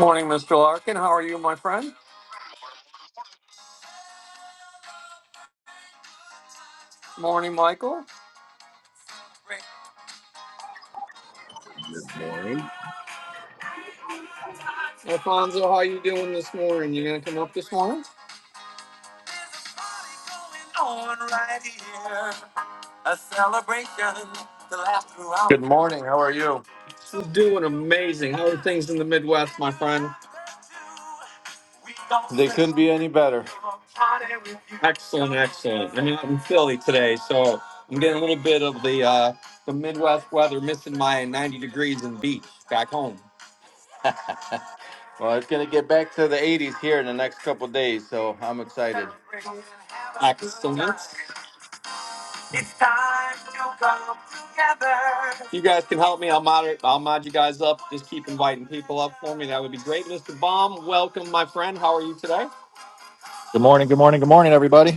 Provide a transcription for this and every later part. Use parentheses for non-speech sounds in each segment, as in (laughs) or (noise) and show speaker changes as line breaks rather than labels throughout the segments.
Morning, Mr. Larkin. How are you, my friend? Morning, Michael.
Morning.
Alfonso, how are you doing this morning? You gonna come up this morning?
Good morning. How are you?
Doing amazing. How are things in the Midwest, my friend?
They couldn't be any better.
Excellent, excellent. I'm out in Philly today, so I'm getting a little bit of the uh, the Midwest weather, missing my 90 degrees and beach back home.
Well, it's going to get back to the 80s here in the next couple days, so I'm excited.
Excellent. If You guys can help me. I'll mod, I'll mod you guys up. Just keep inviting people up for me. That would be great. Mr. Baum, welcome, my friend. How are you today?
Good morning, good morning, good morning, everybody.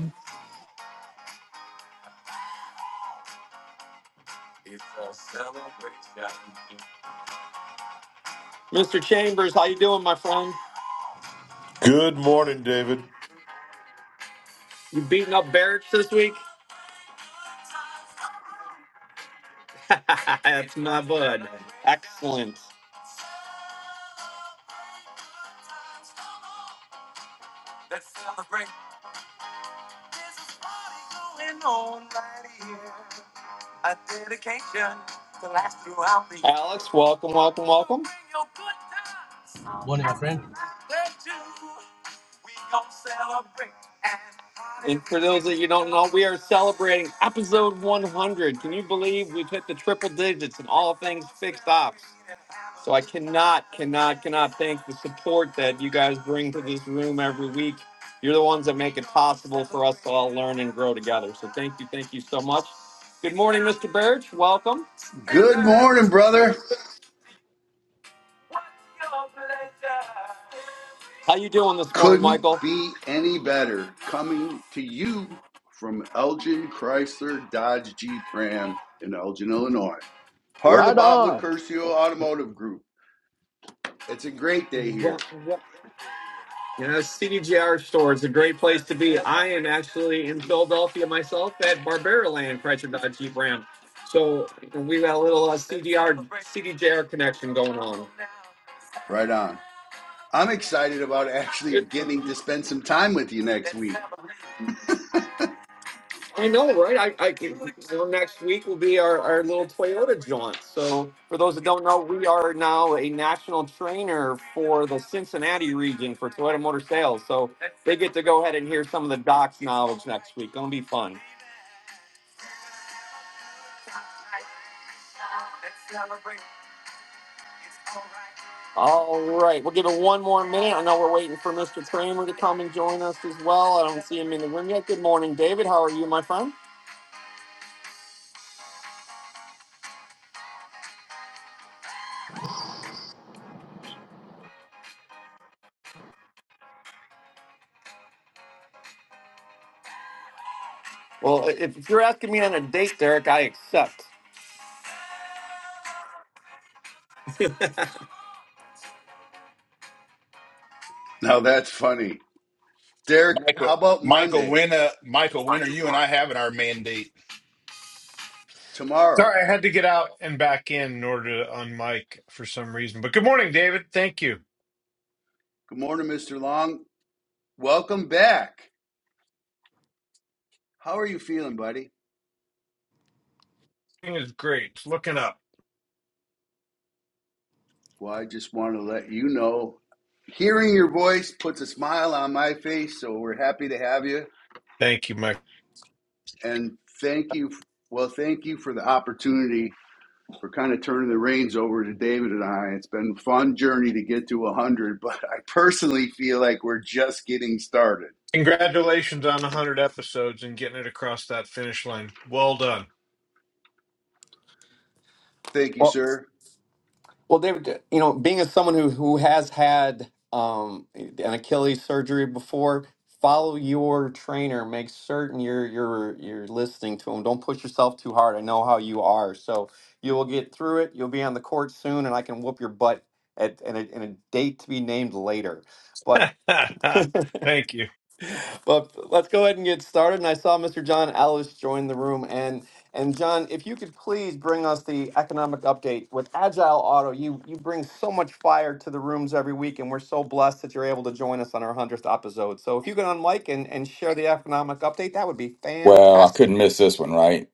Mr. Chambers, how you doing, my friend?
Good morning, David.
You beating up Barracks this week? (laughs) That's my bud. Excellent. Alex, welcome, welcome, welcome.
Morning, my friend.
And for those that you don't know, we are celebrating episode 100. Can you believe we've hit the triple digits in all things fixed ops? So I cannot, cannot, cannot thank the support that you guys bring to this room every week. You're the ones that make it possible for us to all learn and grow together. So thank you, thank you so much. Good morning, Mr. Birch. Welcome.
Good morning, brother.
How you doing this morning,
Couldn't
Michael?
be any better. Coming to you from Elgin Chrysler Dodge Jeep Ram in Elgin, Illinois. Part of the
Right
Bob
on.
Lucurcio
Well,
Automotive Group. It's a great day here.
well. Yeah, CDGR store is a great place to be. I am actually in Philadelphia myself at Barbera Land, Chrysler Dodge Jeep Ram. So we got a little uh, CDR, CDJR connection going on.
Right on. I'm excited about actually
Good.
getting to spend some time with you next week.
I know, right? I, I you know, next week will be our, our little Toyota jaunt. So, for those that don't know, we are now a national trainer for the Cincinnati region for Toyota Motor Sales. So, they get to go ahead and hear some of the docs knowledge next week. Gonna be fun. All right, we'll give it one more minute. I know we're waiting for Mr. Kramer to come and join us as well. I don't see him in the room yet. Good morning, David. How are you, my friend? Well, if if you're asking me on a date, Derek, I accept.
Now that's funny. Derek, how
Michael,
about
Michael,
Monday?
when, uh, Michael, when are you and I having our mandate?
Tomorrow.
Sorry, I had to get out and back in in order to unmic for some reason. But good morning, David. Thank you.
Good morning, Mr. Long. Welcome back. How are you feeling, buddy?
It is great. It's Looking up.
Well, I just want to let you know hearing your voice puts a smile on my face, so we're happy to have you.
Thank you, Mike.
And thank you. Well, thank you for the opportunity for kind of turning the reins over to David and I. It's been a fun journey to get to 100, but I personally feel like we're just getting started.
Congratulations on 100 episodes and getting it across that finish line. Well done.
Thank you, sir.
Well, David, you know, being as someone who who has had um, an Achilles surgery before, follow your trainer. Make certain you're you're you're listening to him. Don't push yourself too hard. I know how you are, so you will get through it. You'll be on the court soon, and I can whoop your butt at in a, in a date to be named later. But
(laughs) Thank you.
well, let's go ahead and get started. And I saw Mr. John Ellis join the room. And and John, if you could please bring us the economic update with Agile Auto, you you bring so much fire to the rooms every week, and we're so blessed that you're able to join us on our hundredth episode. So if you could unmic and and share the economic update, that would be
Well, I couldn't
fantastic.
miss this one, right?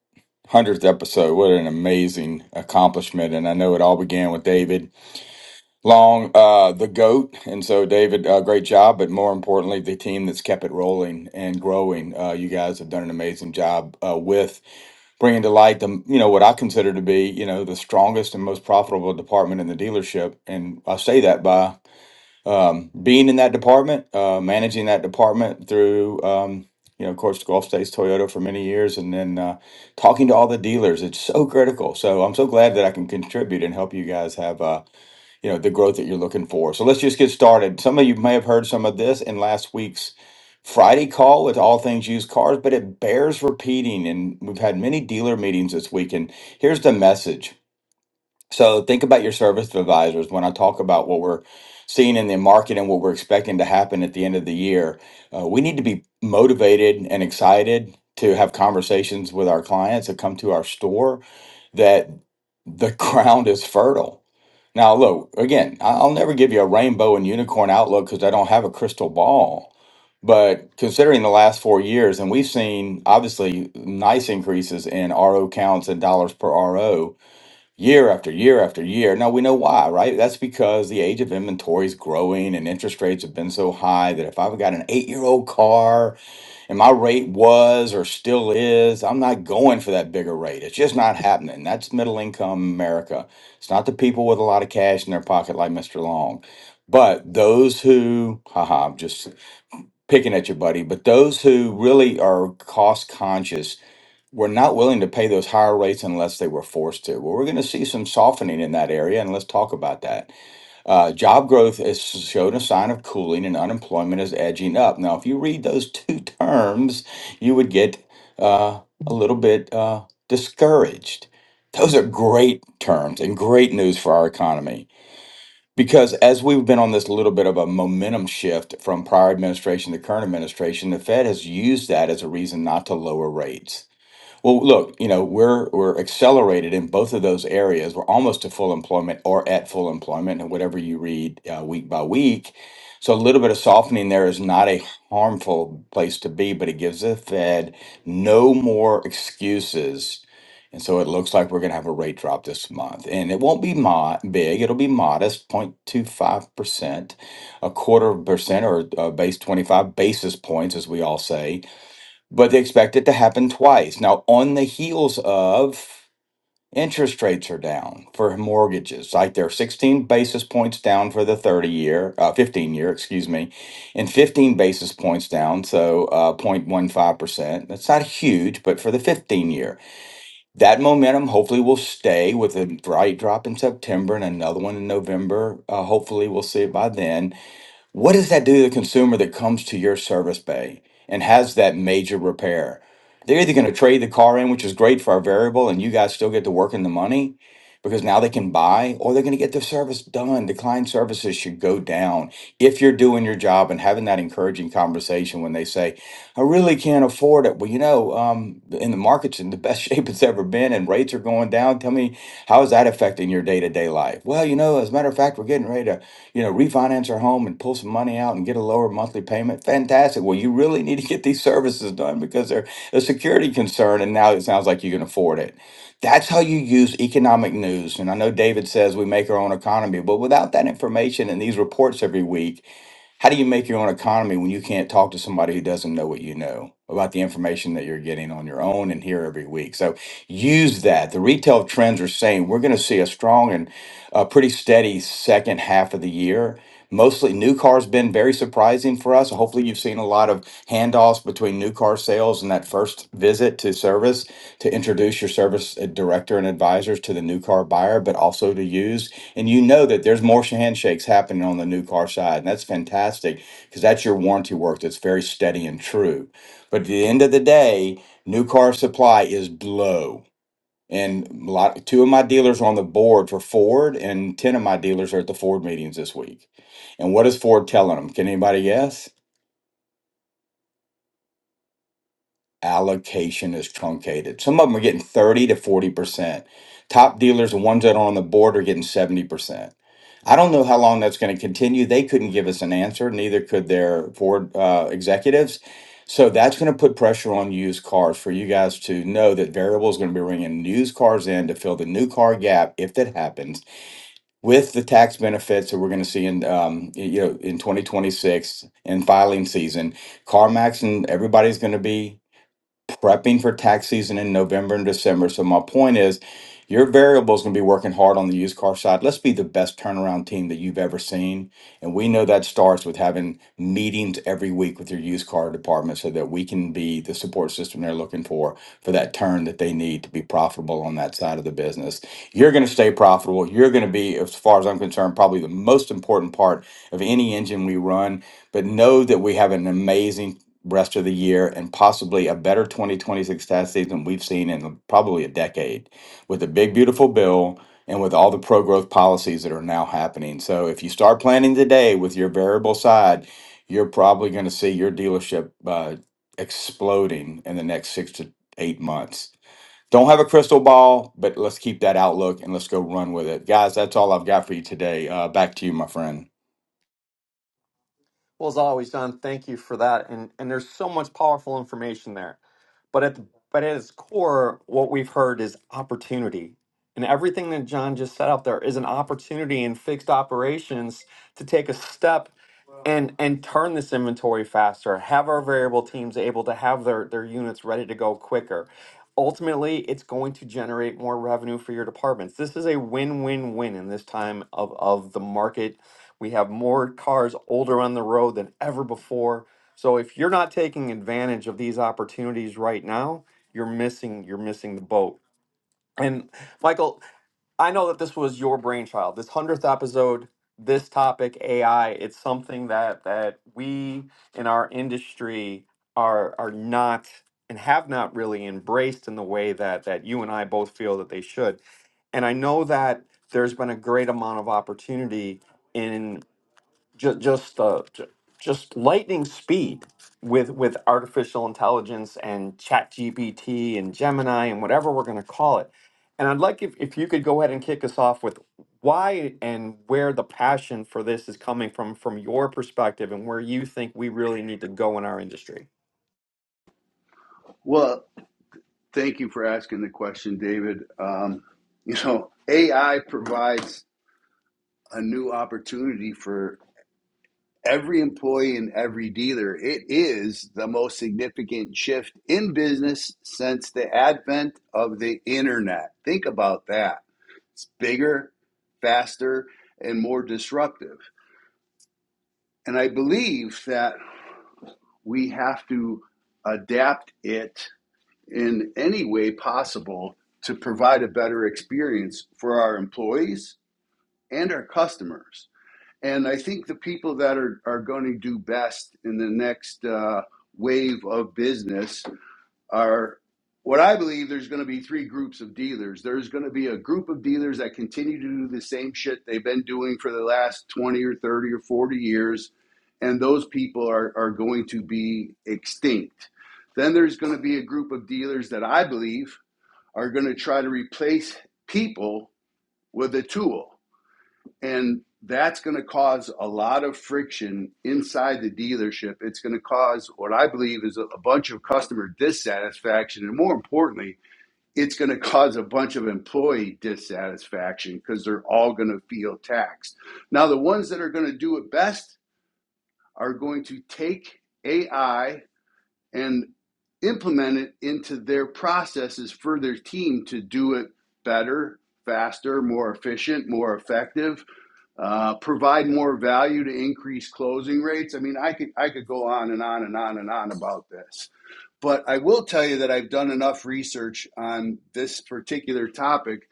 100th episode. What an amazing accomplishment. And I know it all began with David Long, uh, the GOAT. And so, David, uh, great job. But more importantly, the team that's kept it rolling and growing. Uh, you guys have done an amazing job uh, with bringing to light the you know what I consider to be you know the strongest and most profitable department in the dealership, and I say that by um, being in that department, uh, managing that department through, um, you know, of course, Gulf States Toyota for many years, and then uh, talking to all the dealers. It's so critical. So I'm so glad that I can contribute and help you guys have, uh, you know, the growth that you're looking for. So let's just get started. Some of you may have heard some of this in last week's Friday call with all things used cars, but it bears repeating. And we've had many dealer meetings this week. And here's the message. So think about your service advisors when I talk about what we're seeing in the market and what we're expecting to happen at the end of the year. Uh, we need to be motivated and excited to have conversations with our clients that come to our store that the (laughs) ground is fertile. Now, look, again, I- I'll never give you a rainbow and unicorn outlook because I don't have a crystal ball. But considering the last four years, and we've seen obviously nice increases in RO counts and dollars per RO year after year after year. Now we know why, right? That's because the age of inventory is growing and interest rates have been so high that if I've got an eight year old car and my rate was or still is, I'm not going for that bigger rate. It's just not happening. That's middle income America. It's not the people with a lot of cash in their pocket like Mr. Long. But those who, haha, I'm just picking at you, buddy, but those who really are cost conscious were not willing to pay those higher rates unless they were forced to. Well, we're going to see some softening in that area, and let's talk about that. Uh, job growth has shown a sign of cooling, and unemployment is edging up. Now, if you read those two terms, you would get uh, a little bit uh, discouraged. Those are great terms and great news for our economy. Because as we've been on this little bit of a momentum shift from prior administration to current administration, the Fed has used that as a reason not to lower rates well, look, you know, we're we're accelerated in both of those areas. We're almost to full employment or at full employment, and whatever you read uh, week by week. So a little bit of softening there is not a harmful place to be, but it gives the Fed no more excuses. And so it looks like we're going to have a rate drop this month, and it won't be mo- big. It'll be modest, 0.25 percent, a quarter of a percent, or uh, base 25 basis points, as we all say but they expect it to happen twice. Now, on the heels of interest rates are down for mortgages, like they're 16 basis points down for the 30 year, uh, 15 year, excuse me, and 15 basis points down, so uh, 0.15%. That's not huge, but for the 15 year, that momentum hopefully will stay with a bright drop in September and another one in November. Uh, hopefully, we'll see it by then what does that do to the consumer that comes to your service bay and has that major repair? They're either going to trade the car in, which is great for our variable, and you guys still get to work in the money because now they can buy, or they're going to get their service done. Decline services should go down if you're doing your job and having that encouraging conversation when they say, I really can't afford it. Well, you know, um, in the market's in the best (laughs) shape it's ever been, and rates are going down. Tell me, how is that affecting your day to day life? Well, you know, as a matter of fact, we're getting ready to you know, refinance our home and pull some money out and get a lower monthly payment. Fantastic. Well, you really need to get these services done because they're a security concern. And now it sounds like you can afford it. That's how you use economic news. And I know David says we make our own economy, but without that information and these reports every week, how do you make your own economy when you can't talk to somebody who doesn't know what you know about the information that you're getting on your own and here every week? So use that. The retail trends are saying we're going to see a strong and uh, pretty steady second half of the year. Mostly new cars been very surprising for us. Hopefully, you've seen a lot of handoffs between new car sales and that first visit to service to introduce your service uh, director and advisors to the new car buyer, but also to use and you know that there's more handshakes happening on the new car side and that's fantastic because that's your warranty work that's very steady and true but at the end of the day new car supply is low and a lot, two of my dealers are on the board for ford and 10 of my dealers are at the ford meetings this week and what is ford telling them can anybody guess allocation is truncated. Some of them are getting 30 to 40%. Top dealers, the ones that are on the board, are getting 70%. I don't know how long that's going to continue. They couldn't give us an answer, neither could their board uh, executives. So that's going to put pressure on used cars for you guys to know that variable is going to be bringing used cars in to fill the new car gap if that happens with the tax benefits that we're going to see in um, you know in 2026 in filing season. CarMax and everybody's going to be prepping for tax season in November and December. So my point is, your variable is going to be working hard on the used car side. Let's be the best turnaround team that you've ever seen, and we know that starts with having meetings every week with your used car department, so that we can be the support system they're looking for for that turn that they need to be profitable on that side of the business. You're going to stay profitable. You're going to be, as far as I'm concerned, probably the most important part of any engine we run. But know that we have an amazing rest of the year and possibly a better 2026 tax season we've seen in probably a decade with the big, beautiful bill and with all the pro growth policies that are now happening. So if you start planning today with your variable side, you're probably going to see your dealership uh, exploding in the next six to eight months. Don't have a crystal ball, but let's keep that outlook and let's go run with it. Guys, that's all I've got for you today. Uh, back to you, my friend.
Well, as always, John. thank you for that. And and there's so much powerful information there. But at the, but at its core, what we've heard is opportunity. And everything that John just set out there is an opportunity in fixed operations to take a step and and turn this inventory faster, have our variable teams able to have their, their units ready to go quicker. Ultimately, it's going to generate more revenue for your departments. This is a win-win-win in this time of, of the market we have more cars older on the road than ever before. So if you're not taking advantage of these opportunities right now, you're missing you're missing the boat. And Michael, I know that this was your brainchild. This 100th episode, this topic AI, it's something that that we in our industry are are not and have not really embraced in the way that that you and I both feel that they should. And I know that there's been a great amount of opportunity in just just uh, ju- just lightning speed with with artificial intelligence and chat gpt and gemini and whatever we're going to call it and i'd like if, if you could go ahead and kick us off with why and where the passion for this is coming from from your perspective and where you think we really need to go in our industry
Well, thank you for asking the question, David. Um, you know, AI provides a new opportunity for every employee and every dealer, it is the most significant shift in business since the advent of the internet. Think about that. It's bigger, faster, and more disruptive. And I believe that we have to adapt it in any way possible to provide a better experience for our employees and our customers. And I think the people that are, are going to do best in the next uh, wave of business are what I believe there's going to be three groups of dealers. There's going to be a group of dealers that continue to do the same shit they've been doing for the last 20 or 30 or 40 years. And those people are, are going to be extinct. Then there's going to be a group of dealers that I believe are going to try to replace people with a tool and that's going to cause a lot of friction inside the dealership. It's going to cause what I believe is a, a bunch of customer dissatisfaction. And more importantly, it's going to cause a bunch of employee dissatisfaction because they're all going to feel taxed. Now, the ones that are going to do it best are going to take AI and implement it into their processes for their team to do it better, faster, more efficient, more effective uh, provide more value to increase closing rates. I mean, I could I could go on and on and on and on about this, but I will tell you that I've done enough research on this particular topic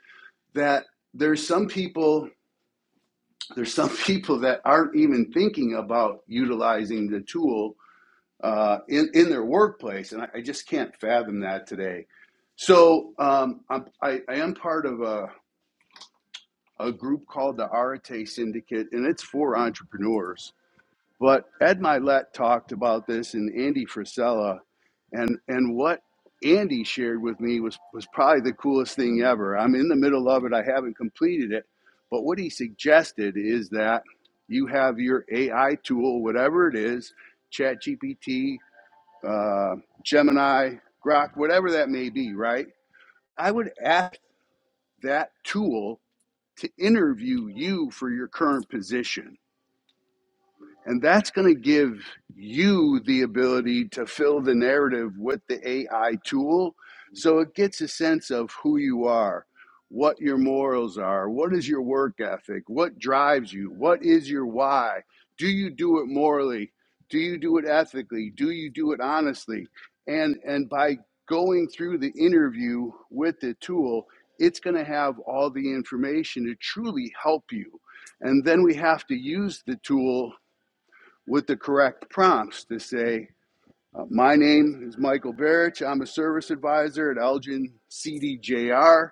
that there's some people there's some (laughs) people that aren't even thinking about utilizing the tool uh, in in their workplace, and I, I just can't fathom that today. So um, I'm, I, I am part of a, a group called the Arate Syndicate, and it's for entrepreneurs But Ed Milet talked about this and Andy Frisella, and and what Andy shared with me was was probably the coolest thing ever. I'm in the middle of it. I haven't completed it, but what he suggested is that you have your AI tool, whatever it is, ChatGPT, uh, Gemini, Grok, whatever that may be. Right? I would ask that tool to interview you for your current position and that's going to give you the ability to fill the narrative with the AI tool. So it gets a sense of who you are, what your morals are, what is your work ethic, what drives you, what is your why. Do you do it morally? Do you do it ethically? Do you do it honestly? And, and by going through the interview with the tool, it's going to have all the information to truly help you. And then we have to use the tool with the correct prompts to say, uh, My name is Michael Barrich. I'm a service advisor at Elgin CDJR.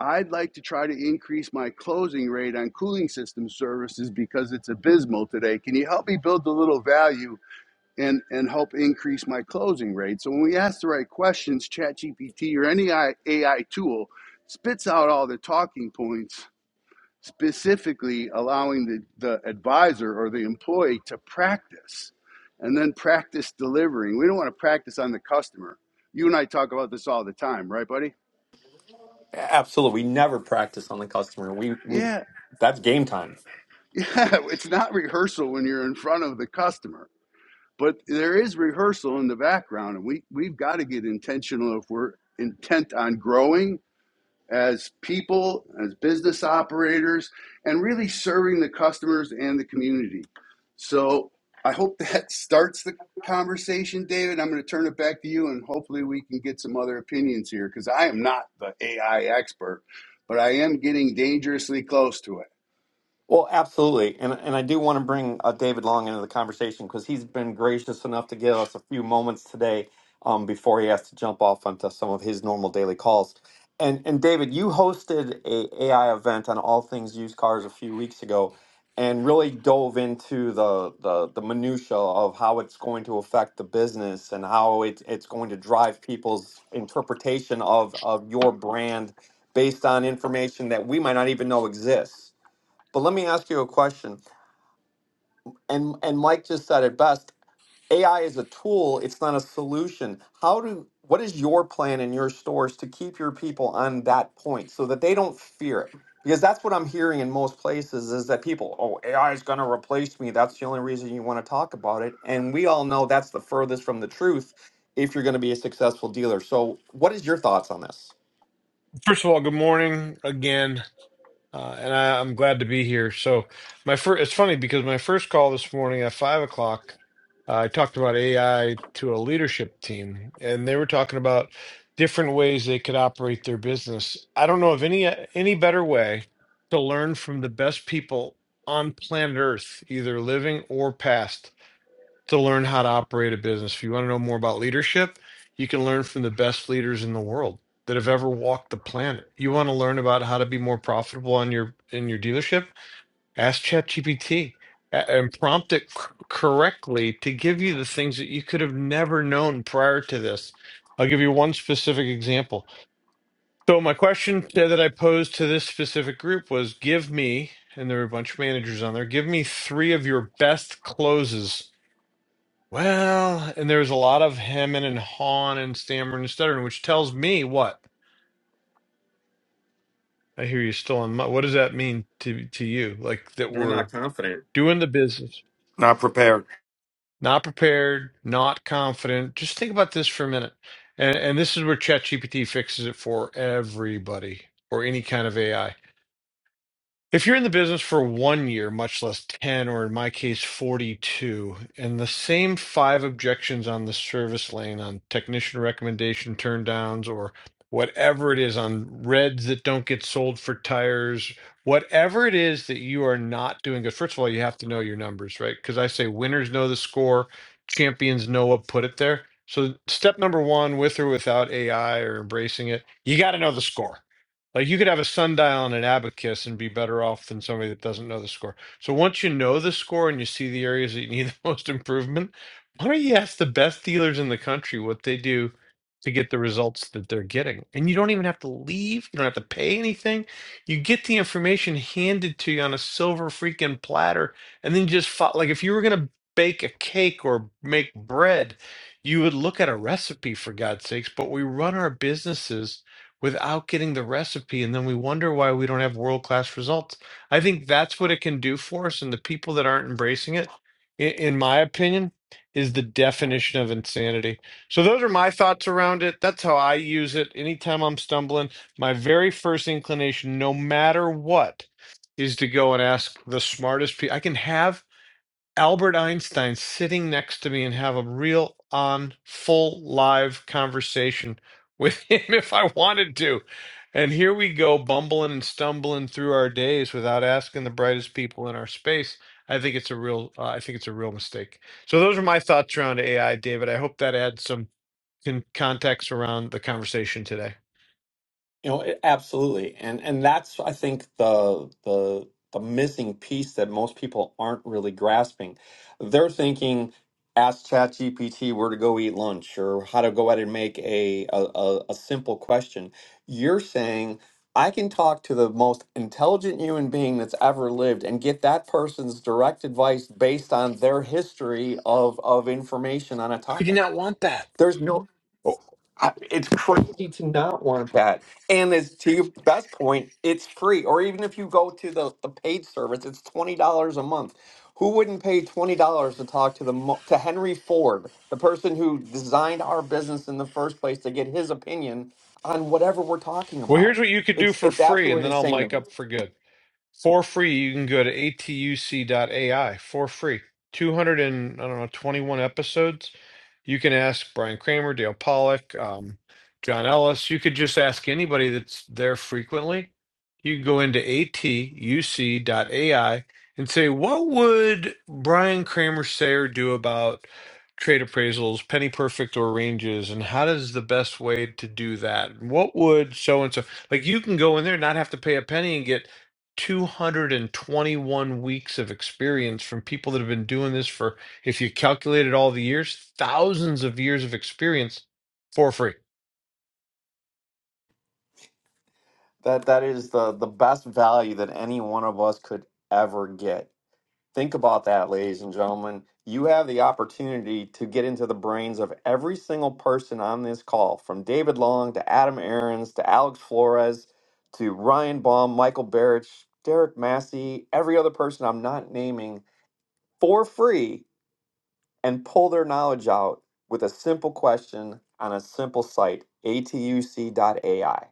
I'd like to try to increase my closing rate on cooling system services because it's abysmal today. Can you help me build a little value and, and help increase my closing rate? So, when we ask the right questions, ChatGPT or any AI tool spits out all the talking points specifically allowing the, the advisor or the employee to practice and then practice delivering. We don't want to practice on the customer. You and I talk about this all the time, right, buddy?
A- absolutely we never practice on the customer we we
Yeah. (laughs)
that's game time
Yeah. It's not rehearsal when you're in front of the customer, but there is rehearsal in the background. And we, we've got to get intentional if we're intent on growing as people, as business operators, and really serving the customers and the community. So I hope (laughs) that starts the conversation, David. I'm going to turn it back to you, and hopefully we can get some other opinions here because I am not the AI expert, but I am getting dangerously close to it.
Well, absolutely, and and I do want to bring uh, David Long into the conversation because he's been gracious enough to give us a few moments today um, before he has to jump off onto some of his normal daily calls. And and David, you hosted a AI event on all things used cars a few weeks ago, and really dove into the the, the minutia of how it's going to affect the business and how it it's going to drive people's interpretation of of your brand based on information that we might not even know exists. But let me ask you a question. And and Mike just said it best. AI is a tool, it's not a solution. How do what is your plan in your stores to keep your people on that point so that they don't fear it? Because that's what I'm hearing in most places is that people, oh, AI is going to replace me. That's the only reason you want to talk about it. And we all know that's the furthest from the truth if you're going to be a successful dealer. So, what is your thoughts on this?
First of all, good morning again. Uh, and I, I'm glad to be here. So my first, it's funny because my first call this morning at five o'clock, uh, I talked about AI to a leadership team, and they were talking about different ways they could operate their business. I don't know of any any better way to learn from the best people on planet Earth, either living or past, to learn how to operate a business. If you want to know more about leadership, you can learn from the best leaders in the world that have ever walked the planet. You want to learn about how to be more profitable on your in your dealership? Ask ChatGPT a- and prompt it c- correctly to give you the things that you could have never known prior to this. I'll give you one specific example. So my question t- that I posed to this specific group was give me and there were a bunch of managers on there. Give me three of your best closes well, and there's a lot of hemming and hawing and stammering and stuttering, which tells me what? I hear you still in my, what does that mean to to you? Like that
They're
we're
not confident.
doing the business,
Not prepared.
not prepared, not confident. Just think about this for a minute. And and this is where ChatGPT fixes it for everybody or any kind of AI. If you're in the business for one year, much less 10, or in my case, 42, and the same five objections on the service lane on technician recommendation turn downs or whatever it is on reds that don't get sold for tires, whatever it is that you are not doing good, first of all, you have to know your numbers, right? Because I say winners know the score, champions know what put it there. So, step number one, with or without AI or embracing it, you got to know the score like you could have a sundial and an abacus and be better off than somebody that doesn't know the score. So once you know the score and you see the areas that you need (laughs) the most improvement, why don't you ask the best dealers in the country what they do to get the results that they're getting? And you don't even have to leave, you don't have to pay anything. You get the information handed to you on a silver freaking platter, and then you just fo- like if you were gonna bake a cake or make bread, you would look at a recipe for God's sakes, but we run our businesses without getting the recipe. And then we wonder why we don't have world class results. I think that's what it can do for us. And the people that aren't embracing it, in, in my opinion, is the definition of insanity. So those are my thoughts around it. That's how I use it. Anytime I'm stumbling, my very first inclination, no matter what, is to go and ask the smartest people. I can have Albert Einstein sitting next to me and have a real on full live conversation with (laughs) him if I wanted to. And here we go bumbling and stumbling through our days without asking the brightest people in our space. I think it's a real uh, I think it's a real mistake. So those are my thoughts around AI, David. I hope that adds some con- context around the conversation today.
You know, it, absolutely, and and that's I think the the the missing piece that most people aren't really grasping. They're thinking, ask ChatGPT where to go eat lunch or how to go out and make a a, a, a simple question. You're saying I can talk to the most intelligent human being that's ever lived and get that person's direct advice based on their history of of information on a
I do
topic.
not want that.
There's no
Oh,
I, it's crazy to not want that. And as to your best point, it's free. Or even if you go to the, the paid service, it's twenty dollars a month. Who wouldn't pay twenty dollars to talk to the mo- to Henry Ford, the person who designed our business in the first place, to get his opinion on whatever we're talking
well,
about?
here's what you could do
It's
for
it's
free and
absolutely
then I'll
insane to
mic
me.
up for good. for free you can go to atuc.ai for free 200 and i don't know 21 episodes you can ask brian kramer dale pollock um, john ellis you could just ask anybody that's there frequently you can go into atuc.ai and say what would brian kramer say or do about trade appraisals penny perfect or ranges and how does the best way to do that what would so and so like you can go in there and not have to pay a penny and get 221 weeks of experience from people that have been doing this for, if you calculated all the years, thousands of years of experience for free.
That that is the the best value that any one of us could ever get Think about that, ladies and gentlemen. You have the opportunity to get into the brains of every single person on this call, from David Long to Adam Aarons to Alex Flores to Ryan Baum, Michael Barrich, Derek Massey, every other person I'm not naming for free and pull their knowledge out with a simple question on a simple site, atuc.ai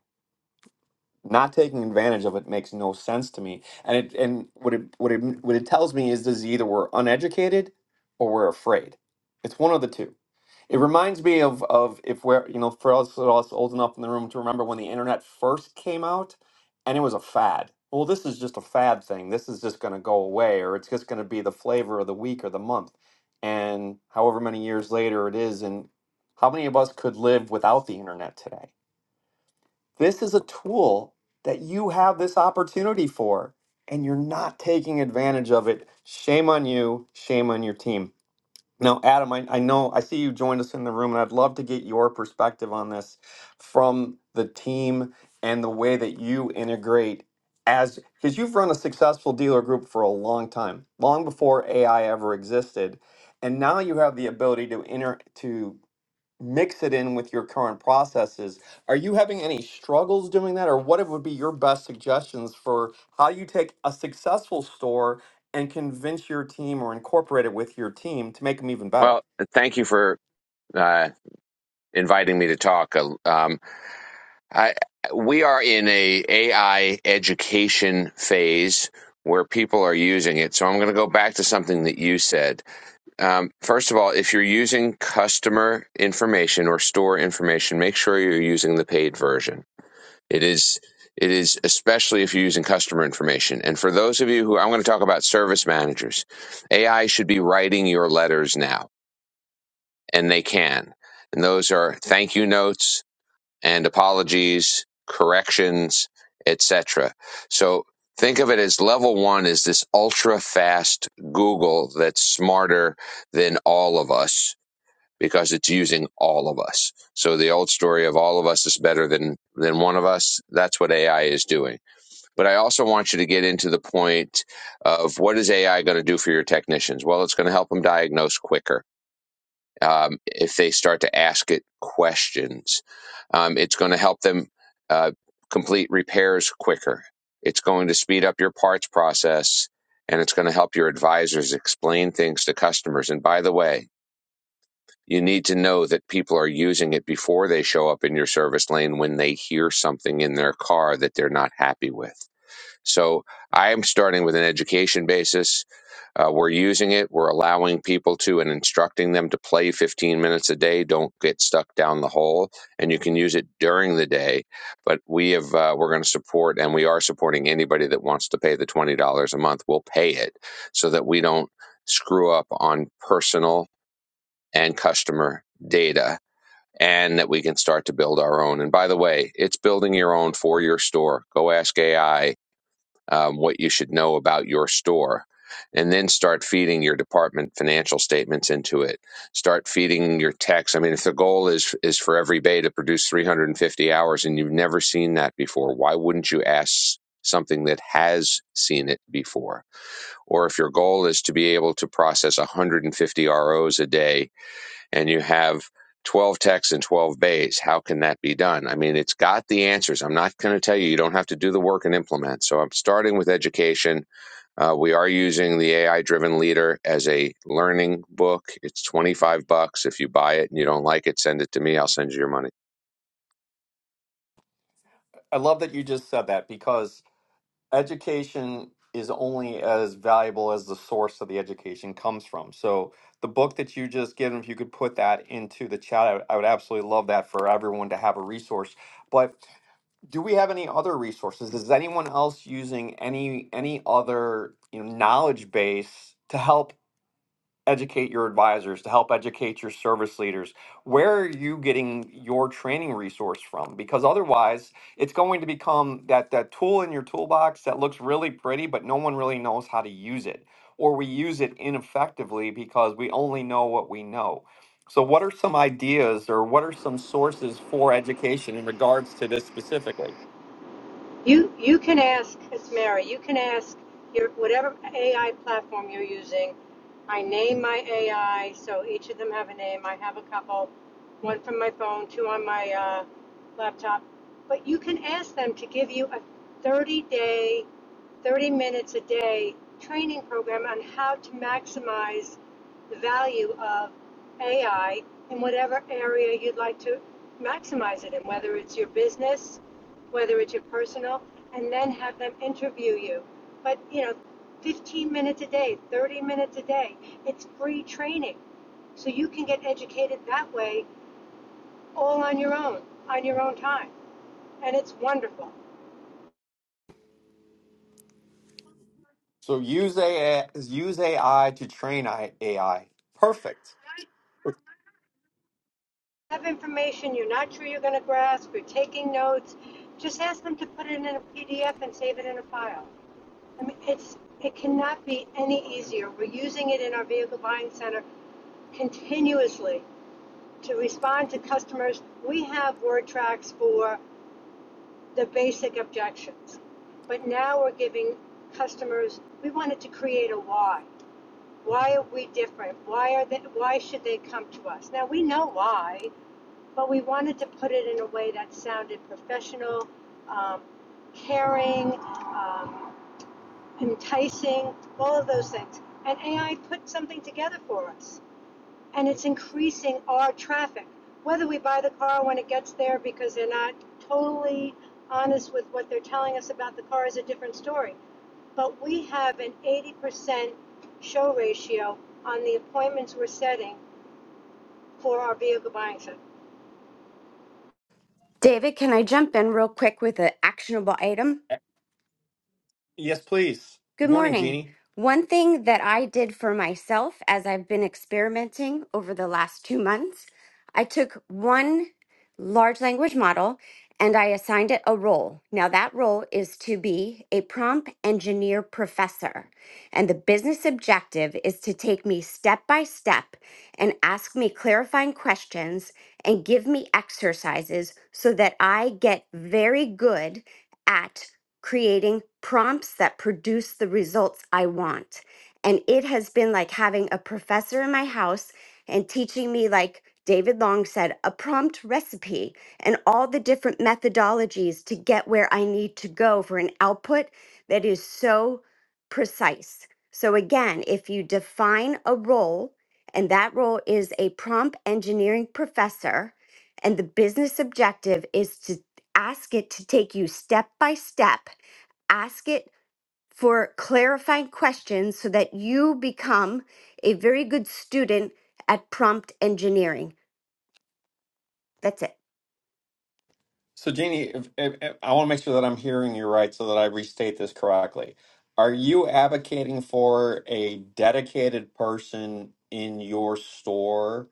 not taking advantage of it makes no sense to me. And it and what it what it what it tells me is this: either we're uneducated or we're afraid. It's one of the two. It reminds me of of if we're you know for us, us old enough in the room to remember when the internet first came out, and it was a fad. Well, this is just a fad thing. This is just going to go away, or it's just going to be the flavor of the week or the month. And however many years later it is, and how many of us could live without the internet today? This is a tool that you have this opportunity for, and you're not taking advantage of it. Shame on you. Shame on your team. Now, Adam, I, I know I see you joined us in the room, and I'd love to get your perspective on this from the team and the way that you integrate as because you've run a successful dealer group for a long time, long before AI ever existed. And now you have the ability to enter to mix it in with your current processes. Are you having any struggles doing that, or what it would be your best suggestions for how you take a successful store and convince your team or incorporate it with your team to make them even better?
Well, thank you for uh, inviting me to talk. Uh, Um, I, we are in a AI education phase where people are using it. So I'm going to go back to something that you said. Um, first of all, if you're using customer information or store information, make sure you're using the paid version. It is it is especially if you're using customer information. And for those of you who I'm going to talk about service managers, AI should be writing your letters now and they can. And those are thank you notes and apologies, corrections, etc. So think of it as level one is this ultra fast Google that's smarter than all of us because it's using all of us. So the old story of all of us is better than than one of us, that's what AI is doing. But I also want you to get into the point of what is AI going to do for your technicians? Well, it's going to help them diagnose quicker um, if they start to ask it questions. Um, it's going to help them uh, complete repairs quicker. It's going to speed up your parts process and it's going to help your advisors explain things to customers. And by the way, you need to know that people are using it before they show up in your service lane when they hear something in their car that they're not happy with. So I'm starting with an education basis uh, we're using it. We're allowing people to and instructing them to play 15 minutes a day. Don't get stuck down the hole. And you can use it during the day. But we have uh, we're going to support and we are supporting anybody that wants to pay the twenty dollars a month. We'll pay it so that we don't screw up on personal and customer data. And that we can start to build our own. And by the way, it's building your own for your store. Go ask AI um, what you should know about your store and then start feeding your department financial statements into it start feeding your tax i mean if the goal is is for every bay to produce 350 hours and you've never seen that before why wouldn't you ask something that has seen it before or if your goal is to be able to process 150 ROs a day and you have 12 techs and 12 bays. How can that be done? I mean, it's got the answers. I'm not going to tell you, you don't have to do the work and implement. So I'm starting with education. Uh, we are using the AI driven leader as a learning book. It's 25 bucks. If you buy it and you don't like it, send it to me. I'll send you your money.
I love that you just said that because education is only as valuable as the source of the education comes from. So the book that you just given, if you could put that into the chat, I, I would absolutely love that for everyone to have a resource. But do we have any other resources is anyone else using any any other you know knowledge base to help educate your advisors to help educate your service leaders where are you getting your training resource from because otherwise it's going to become that that tool in your toolbox that looks really pretty but no one really knows how to use it or we use it ineffectively because we only know what we know so what are some ideas or what are some sources for education in regards to this specifically
You you can ask it's Mary. You can ask your whatever AI platform you're using. I name my AI, so each of them have a name. I have a couple, one from my phone, two on my uh, laptop. But you can ask them to give you a 30 day 30 minutes a day training program on how to maximize the value of AI in whatever area you'd like to maximize it in, whether it's your business, whether it's your personal, and then have them interview you. But, you know, 15 minutes a day, 30 minutes a day, it's free training. So you can get educated that way all on your own, on your own time. And it's wonderful.
So use AI, use AI to train I- AI. Perfect.
have information you're not sure you're going to grasp, you're taking notes, just ask them to put it in a PDF and save it in a file. I mean, it's it cannot be any easier. We're using it in our vehicle buying center continuously to respond to customers. We have word tracks for the basic objections, but now we're giving customers. We wanted to create a why. Why are we different? Why are they? Why should they come to us? Now we know why but we wanted to put it in a way that sounded professional, um, caring, um, enticing, all of those things. And AI put something together for us, and it's increasing our traffic. Whether we buy the car when it gets there because they're not totally honest with what they're telling us about the car is a different story. But we have an 80% show ratio on the appointments we're setting for our vehicle buying center.
David, can I jump in real quick with an actionable item?
Yes, please.
Good
Good morning,
morning.
Jeannie.
One thing that I did for myself as I've been experimenting over the last two months, I took one large language model and I assigned it a role. Now, that role is to be a prompt engineer professor. And the business objective is to take me step by step and ask me clarifying questions and give me exercises so that I get very good at creating prompts that produce the results I want. And it has been like having a professor in my house and teaching me, like David Long said, a prompt recipe and all the different methodologies to get where I need to go for an output that is so precise. So, again, if you define a role, and that role is a prompt engineering professor, and the business objective is to Ask it to take you step by step. Ask it for clarifying questions so that you become a very good student at prompt engineering. That's it.
So, Jeannie, if, if, if- I want to make sure that I'm hearing you right so that I restate this correctly. Are you advocating for a dedicated person in your store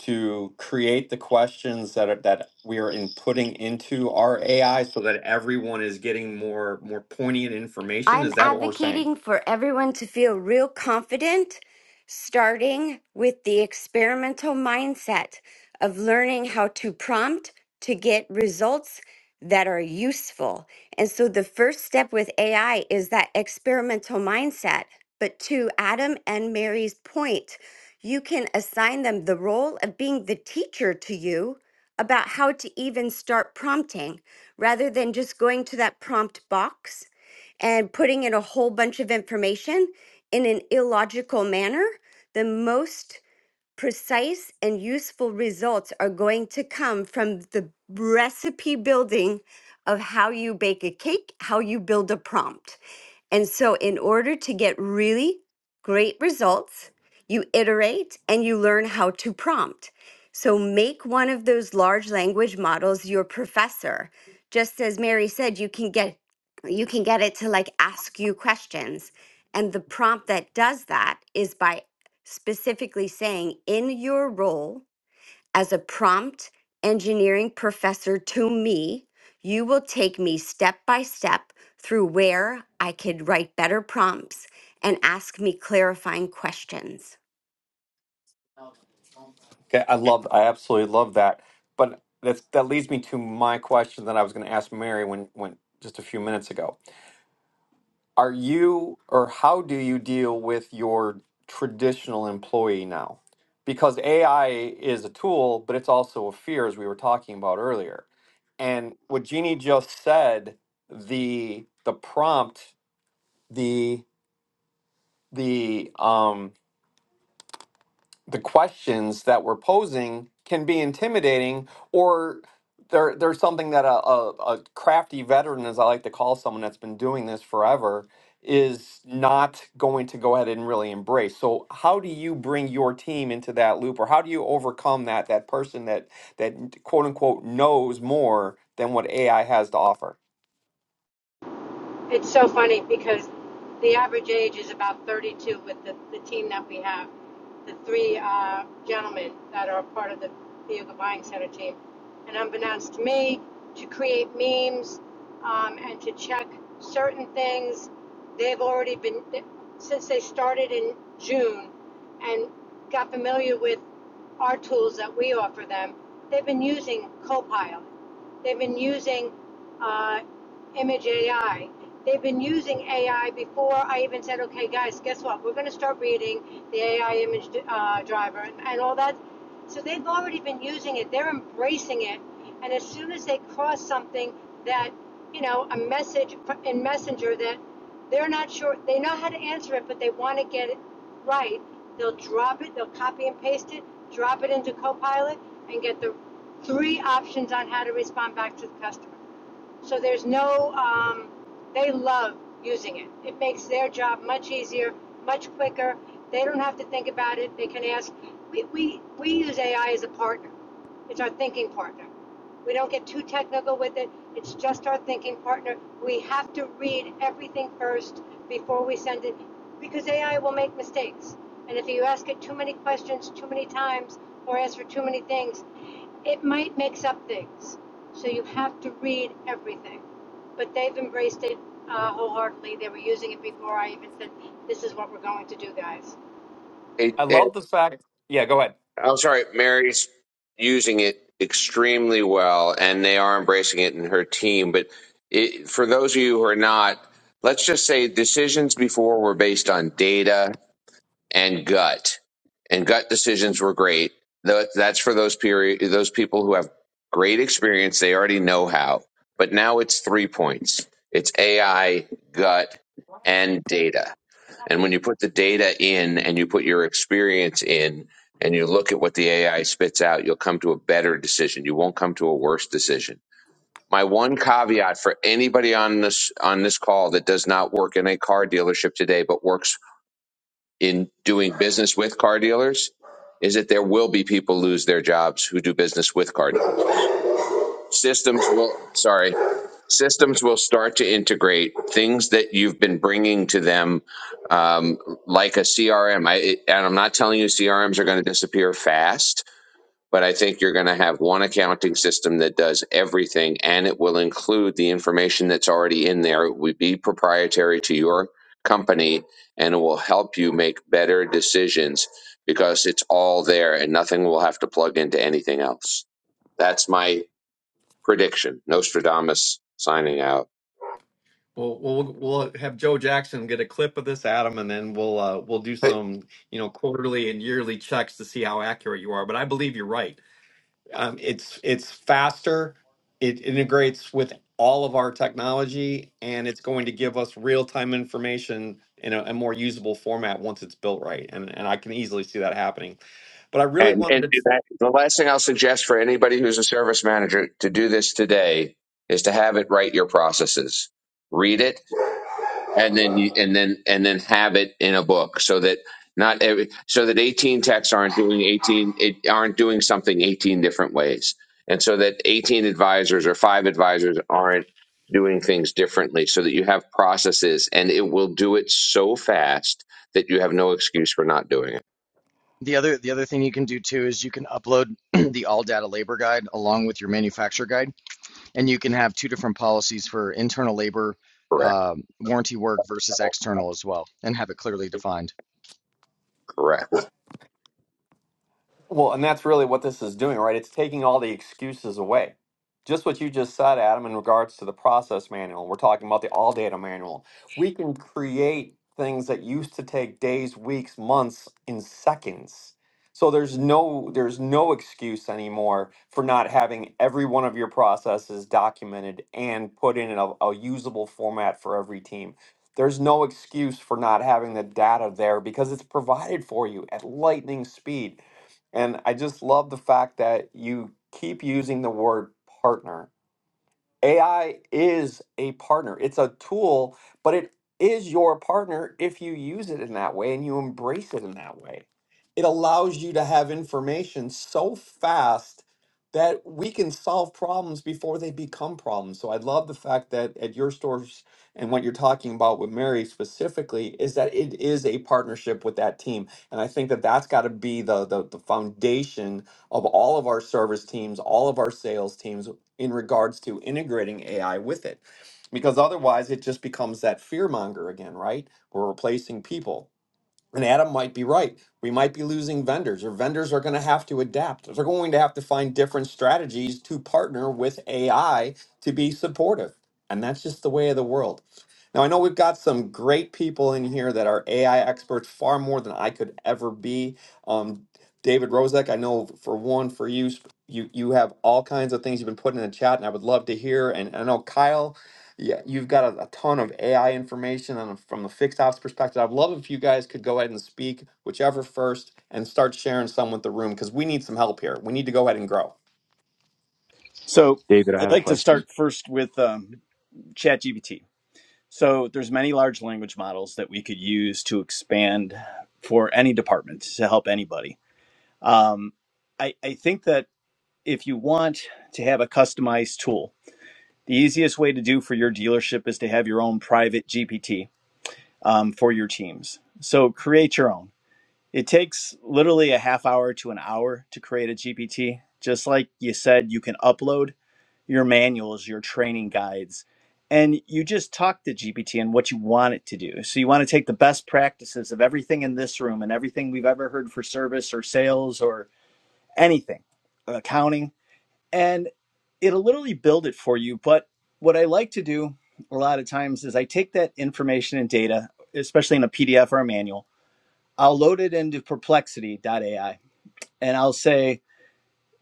to create the questions that are, that we are inputting into our AI so that everyone is getting more more poignant information?
I'm
Is that what we're saying?
advocating for everyone to feel real confident, starting with the experimental mindset of learning how to prompt to get results that are useful. And so the first step with AI is that experimental mindset. But to Adam and Mary's point, you can assign them the role of being the teacher to you about how to even start prompting rather than just going to that prompt box and putting in a whole bunch of information in an illogical manner, the most precise and useful results are going to come from the recipe building of how you bake a cake, how you build a prompt. And so, in order to get really great results, you iterate and you learn how to prompt. So, make one of those large language models your professor. Just as Mary said, you can get you can get it to like ask you questions. And the prompt that does that is by specifically saying in your role as a prompt engineering professor to me, you will take me step by step through where I could write better prompts and ask me clarifying questions.
Okay, I love, I absolutely love that. But that's, that leads me to my question that I was going to ask Mary when, when just a few minutes ago. Are you, or how do you deal with your traditional employee now? Because AI is a tool, but it's also a fear, as we were talking about earlier. And what Jeannie just said, the the prompt, the the um, the questions that we're posing can be intimidating or they're, they're something that a, a, a crafty veteran, as I like to call someone that's been doing this forever, is not going to go ahead and really embrace. So how do you bring your team into that loop or how do you overcome that that person that that quote unquote knows more than what AI has to offer?
It's so funny because the average age is about 32 with the, the team that we have. The three uh, gentlemen that are part of the Vehicle Buying Center team. And unbeknownst to me, to create memes um, and to check certain things, they've already been, since they started in June and got familiar with our tools that we offer them, they've been using Copilot. They've been using uh, Image AI They've been using AI before I even said, okay, guys, guess what? We're going to start reading the AI image uh, driver and, and all that. So they've already been using it, they're embracing it. And as soon as they cross something that, you know, a message in Messenger that they're not sure, they know how to answer it, but they want to get it right, they'll drop it, they'll copy and paste it, drop it into Copilot, and get the three options on how to respond back to the customer. So there's no, um, they love using it. It makes their job much easier, much quicker. They don't have to think about it. They can ask. We, we, we use AI as a partner, it's our thinking partner. We don't get too technical with it. It's just our thinking partner. We have to read everything first before we send it because AI will make mistakes. And if you ask it too many questions too many times or ask for too many things, it might mix up things. So you have to read everything. But they've embraced it uh, wholeheartedly. They were using it before I even said, this is what we're going to do, guys.
It,
I
it,
love the fact. Yeah, go ahead.
I'm sorry, Mary's using it extremely well and they are embracing it in her team. But it, for those of you who are not, let's just say decisions before were based on data and gut. And gut decisions were great. Tho- That's for those period those people who have great experience. They already know how. But now it's three points. It's AI, gut, and data. And when you put the data in and you put your experience in and you look at what the AI spits out, you'll come to a better decision. You won't come to a worse decision. My one caveat for anybody on this on this call that does not work in a car dealership today but works in doing business with car dealers is that there will be people lose their jobs who do business with car dealers. Systems will, sorry, systems will start to integrate things that you've been bringing to them, um, like a CRM. and I'm not telling you CRMs are going to disappear fast, but I think you're going to have one accounting system that does everything and it will include the information that's already in there. It would be proprietary to your company and it will help you make better decisions because it's all there and nothing will have to plug into anything else. That's my prediction. Nostradamus signing out.
Well, we'll we'll have Joe Jackson get a clip of this, Adam, and then we'll uh, we'll do some you know quarterly and yearly checks to see how accurate you are. But I believe you're right. Um, it's it's faster. It integrates with all of our technology, and it's going to give us real time information in a, a more usable format once it's built right. And and I can easily see that happening. But I really
And and
wanted to
do that. The last thing I'll suggest for anybody who's a service manager to do this today is to have it write your processes. Read it and then you, and then and then have it in a book so that not every, so that 18 techs aren't doing 18 it, aren't doing something 18 different ways. And so that 18 advisors or five advisors aren't doing things differently so that you have processes and it will do it so fast that you have no excuse for not doing it.
The other the other thing you can do too is you can upload (clears throat) the all data labor guide along with your manufacturer guide, and you can have two different policies for internal labor
Correct.
um, warranty work versus external as well, and have it clearly defined.
Correct.
Well, and that's really what this is doing, right? It's taking all the excuses away. Just what you just said, Adam, in regards to the process manual. We're talking about the all data manual. We can create things that used to take days, weeks, months in seconds. So there's no there's no excuse anymore for not having every one of your processes documented and put in a, a usable format for every team. There's no excuse for not having the data there because it's provided for you at lightning speed and I just love the fact that you keep using the word partner AI is a partner. It's a tool, but it is your partner if you use it in that way and you embrace it in that way. It allows you to have information so fast that we can solve problems before they become problems. So I love the fact that at your stores and what you're talking about with Mary specifically is that it is a partnership with that team. And I think that that's got to be the, the the foundation of all of our service teams, all of our sales teams in regards to integrating AI with it. Because otherwise, it just becomes that fear monger again, right? We're replacing people. And Adam might be right. We might be losing vendors, or vendors are going to have to adapt. They're going to have to find different strategies to partner with AI to be supportive. And that's just the way of the world. Now, I know we've got some great people in here that are AI experts, far more than I could ever be. Um, David Rozek, I know for one, for you, sp- you you have all kinds of things you've been putting in the chat, and I would love to hear. And I know Kyle yeah, you've got a, a ton of AI information and from the fixed ops perspective. I'd love if you guys could go ahead and speak, whichever first, and start sharing some with the room because we need some help here. We need to go ahead and grow.
So
David, I
I'd
have a
like to
question.
start first with um, ChatGPT. So there's many large language models that we could use to expand for any department to help anybody. Um, I, I think that if you want to have a customized tool, the easiest way to do for your dealership is to have your own private GPT um, for your teams. So create your own. It takes literally a half hour to an hour to create a GPT. Just like you said, you can upload. your manuals, your training guides, and you just talk to GPT and what you want it to do. So you want to take the best practices of everything in this room and everything we've ever heard for service or sales or anything, accounting, and it'll literally build it for you. But what I like to do a lot of times is I take that information and data, especially in a PDF or a manual, I'll load it into Perplexity AI and I'll say,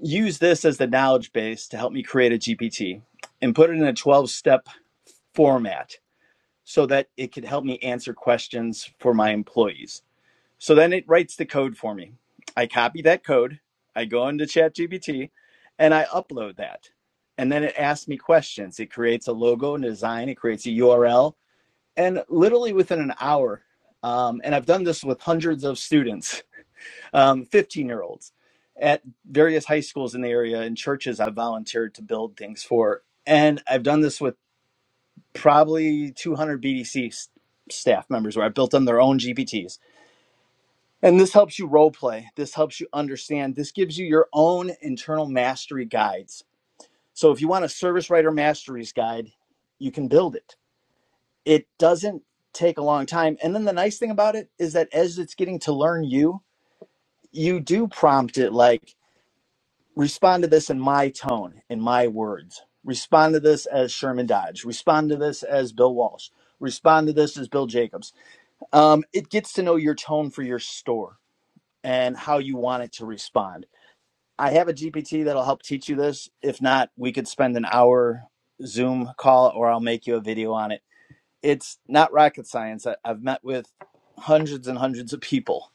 use this as the knowledge base to help me create a GPT and put it in a 12 step format so that it could help me answer questions for my employees. So then it writes the code for me. I copy that code, I go into ChatGPT, and I upload that. And then it asks me questions. It creates a logo and design, it creates a URL, and literally within an hour. Um, and I've done this with hundreds of students um, 15 year olds at various high schools in the area and churches I've volunteered to build things for. And I've done this with probably 200 BDC staff members where I built them their own GPTs. And this helps you role play. This helps you understand. This gives you your own internal mastery guides. So if you want a service writer masteries guide, you can build it. It doesn't take a long time. And then the nice thing about it is that as it's getting to learn you, you do prompt it like, respond to this in my tone, in my words. Respond to this as Sherman Dodge. Respond to this as Bill Walsh. Respond to this as Bill Jacobs. Um, it gets to know your tone for your store and how you want it to respond. I have a GPT that'll help teach you this. If not, we could spend an hour Zoom call or I'll make you a video on it. It's not rocket science. I, I've met with hundreds and hundreds of people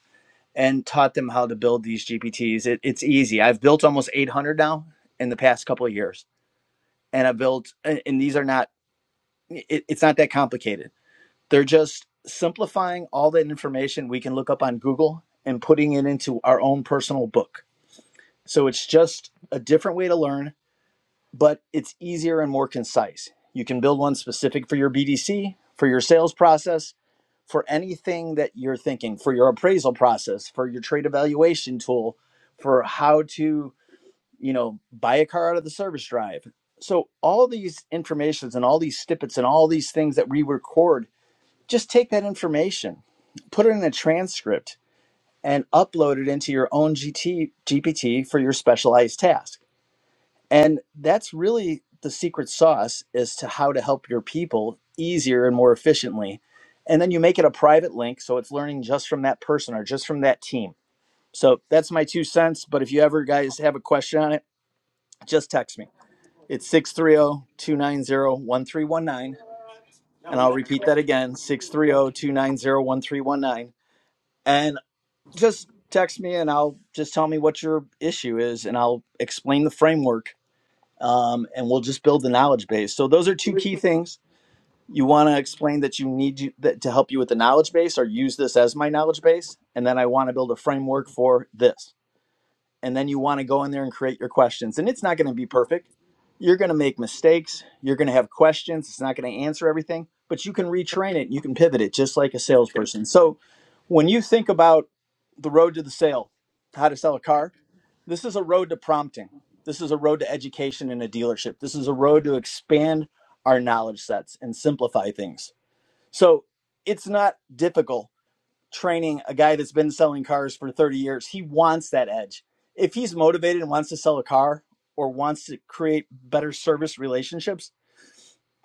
and taught them how to build these GPTs. It, it's easy. I've built almost 800 now in the past couple of years, and I built, and, and these are not, it, it's not that complicated. They're just simplifying all that information we can look up on Google and putting it into our own personal book. So it's just a different way to learn, but it's easier and more concise. You can build one specific for your BDC, for your sales process, for anything that you're thinking for your appraisal process for your trade evaluation tool for how to you know buy a car out of the service drive so all these informations and all these snippets and all these things that we record just take that information put it in a transcript and upload it into your own G T G P T for your specialized task and that's really the secret sauce as to how to help your people easier and more efficiently. And then you make it a private link so it's learning just from that person or just from that team. So that's my two cents. But if you ever guys have a question on it, just text me. It's 630 290 1319, And I'll repeat that again 630 290 1319. And just text me and I'll just tell me what your issue is and I'll explain the framework um, and we'll just build the knowledge base. So those are two key things. You want to explain that you need you, that to help you with the knowledge base, or use this as my knowledge base, and then I want to build a framework for this and then you want to go in there and create your questions. And it's not going to be perfect. You're going to make mistakes. You're going to have questions. It's not going to answer everything, but you can retrain it. And You can pivot it just like a salesperson. So when you think about the road to the sale, how to sell a car, this is a road to prompting. This is a road to education in a dealership. This is a road to expand our knowledge sets and simplify things. So it's not difficult training a guy that's been selling cars for 30 years. He wants that edge. If he's motivated and wants to sell a car or wants to create better service relationships,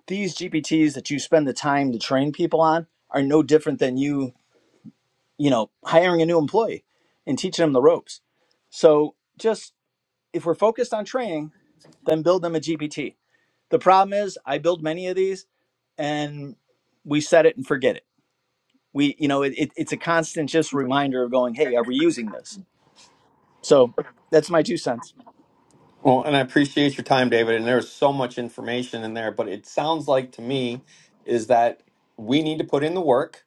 these GPTs that you spend the time to train people on are no different than you, you know, hiring a new employee and teaching them the ropes. So just if we're focused on training, then build them a GPT. The problem is I build many of these and we set it and forget it. We, you know, it, it, it's a constant just reminder of going, hey, are we using this? So that's my two cents.
Well, and I appreciate your time, David. And there's so much information in there, but it sounds like to me is that we need to put in the work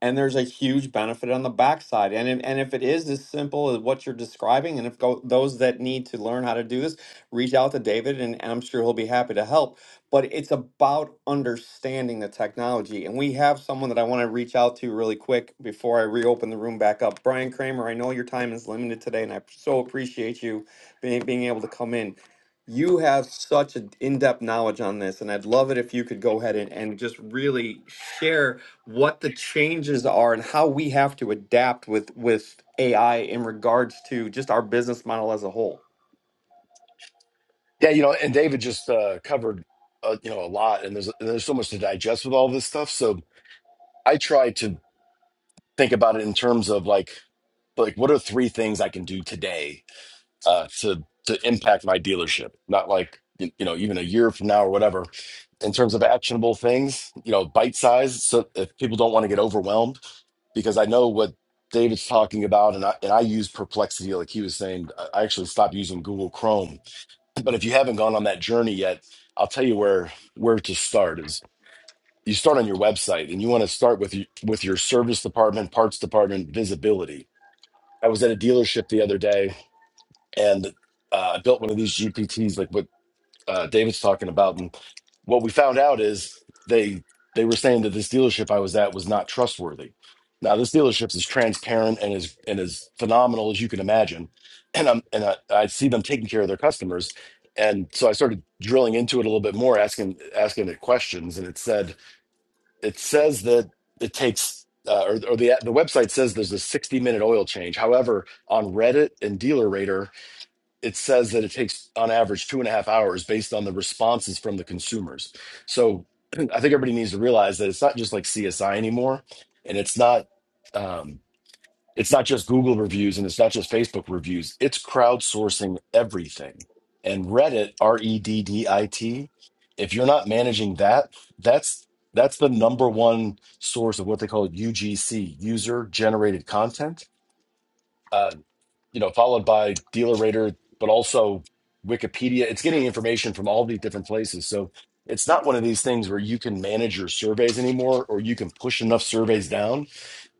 and there's a huge benefit on the backside. And if, and if it is as simple as what you're describing, and if go, those that need to learn how to do this, reach out to David, and I'm sure he'll be happy to help. But it's about understanding the technology, and we have someone that I want to reach out to really quick before I reopen the room back up. Brian Kramer, I know your time is limited today, and I so appreciate you being being able to come in. You have such an in-depth knowledge on this, and I'd love it if you could go ahead and, and just really share what the changes are and how we have to adapt with with AI in regards to just our business model as a whole.
Yeah, you know, and David just uh, covered uh, you know a lot, and there's and there's so much to digest with all this stuff. So I try to think about it in terms of like like what are three things I can do today uh, to to impact my dealership, not like y- you know even a year from now or whatever. In terms of actionable things, you know, bite size. So if people don't want to get overwhelmed, because I know what David's talking about, and I and I use Perplexity, like he was saying. I I actually stopped using Google Chrome but if you haven't gone on that journey yet, I'll tell you where where to start is you start on your website and you want to start with your, with your service department, parts department, visibility. I was at a dealership the other day and uh, I built one of these GPTs like with uh, David's talking about. And what we found out is they they were saying that this dealership I was at was not trustworthy. Now this dealership is transparent and is and as phenomenal as you can imagine, and I'm and I, I see them taking care of their customers, and so I started drilling into it a little bit more, asking asking it questions, and it said it says that it takes. Uh, or, or the the website says there's a 60 minute oil change. However, on Reddit and Dealer Rater, it says that it takes on average two and a half hours based on the responses from the consumers. So (clears throat) I think everybody needs to realize that it's not just like CSI anymore, and it's not um, it's not just Google reviews and it's not just Facebook reviews. It's crowdsourcing everything. And Reddit, R E D D I T, if you're not managing that, that's that's the number one source of what they call UGC, user generated content Uh, you know, followed by Dealer Rater, but also Wikipedia. It's getting information from all these different places. So it's not one of these things where you can manage your surveys anymore or you can push enough surveys down.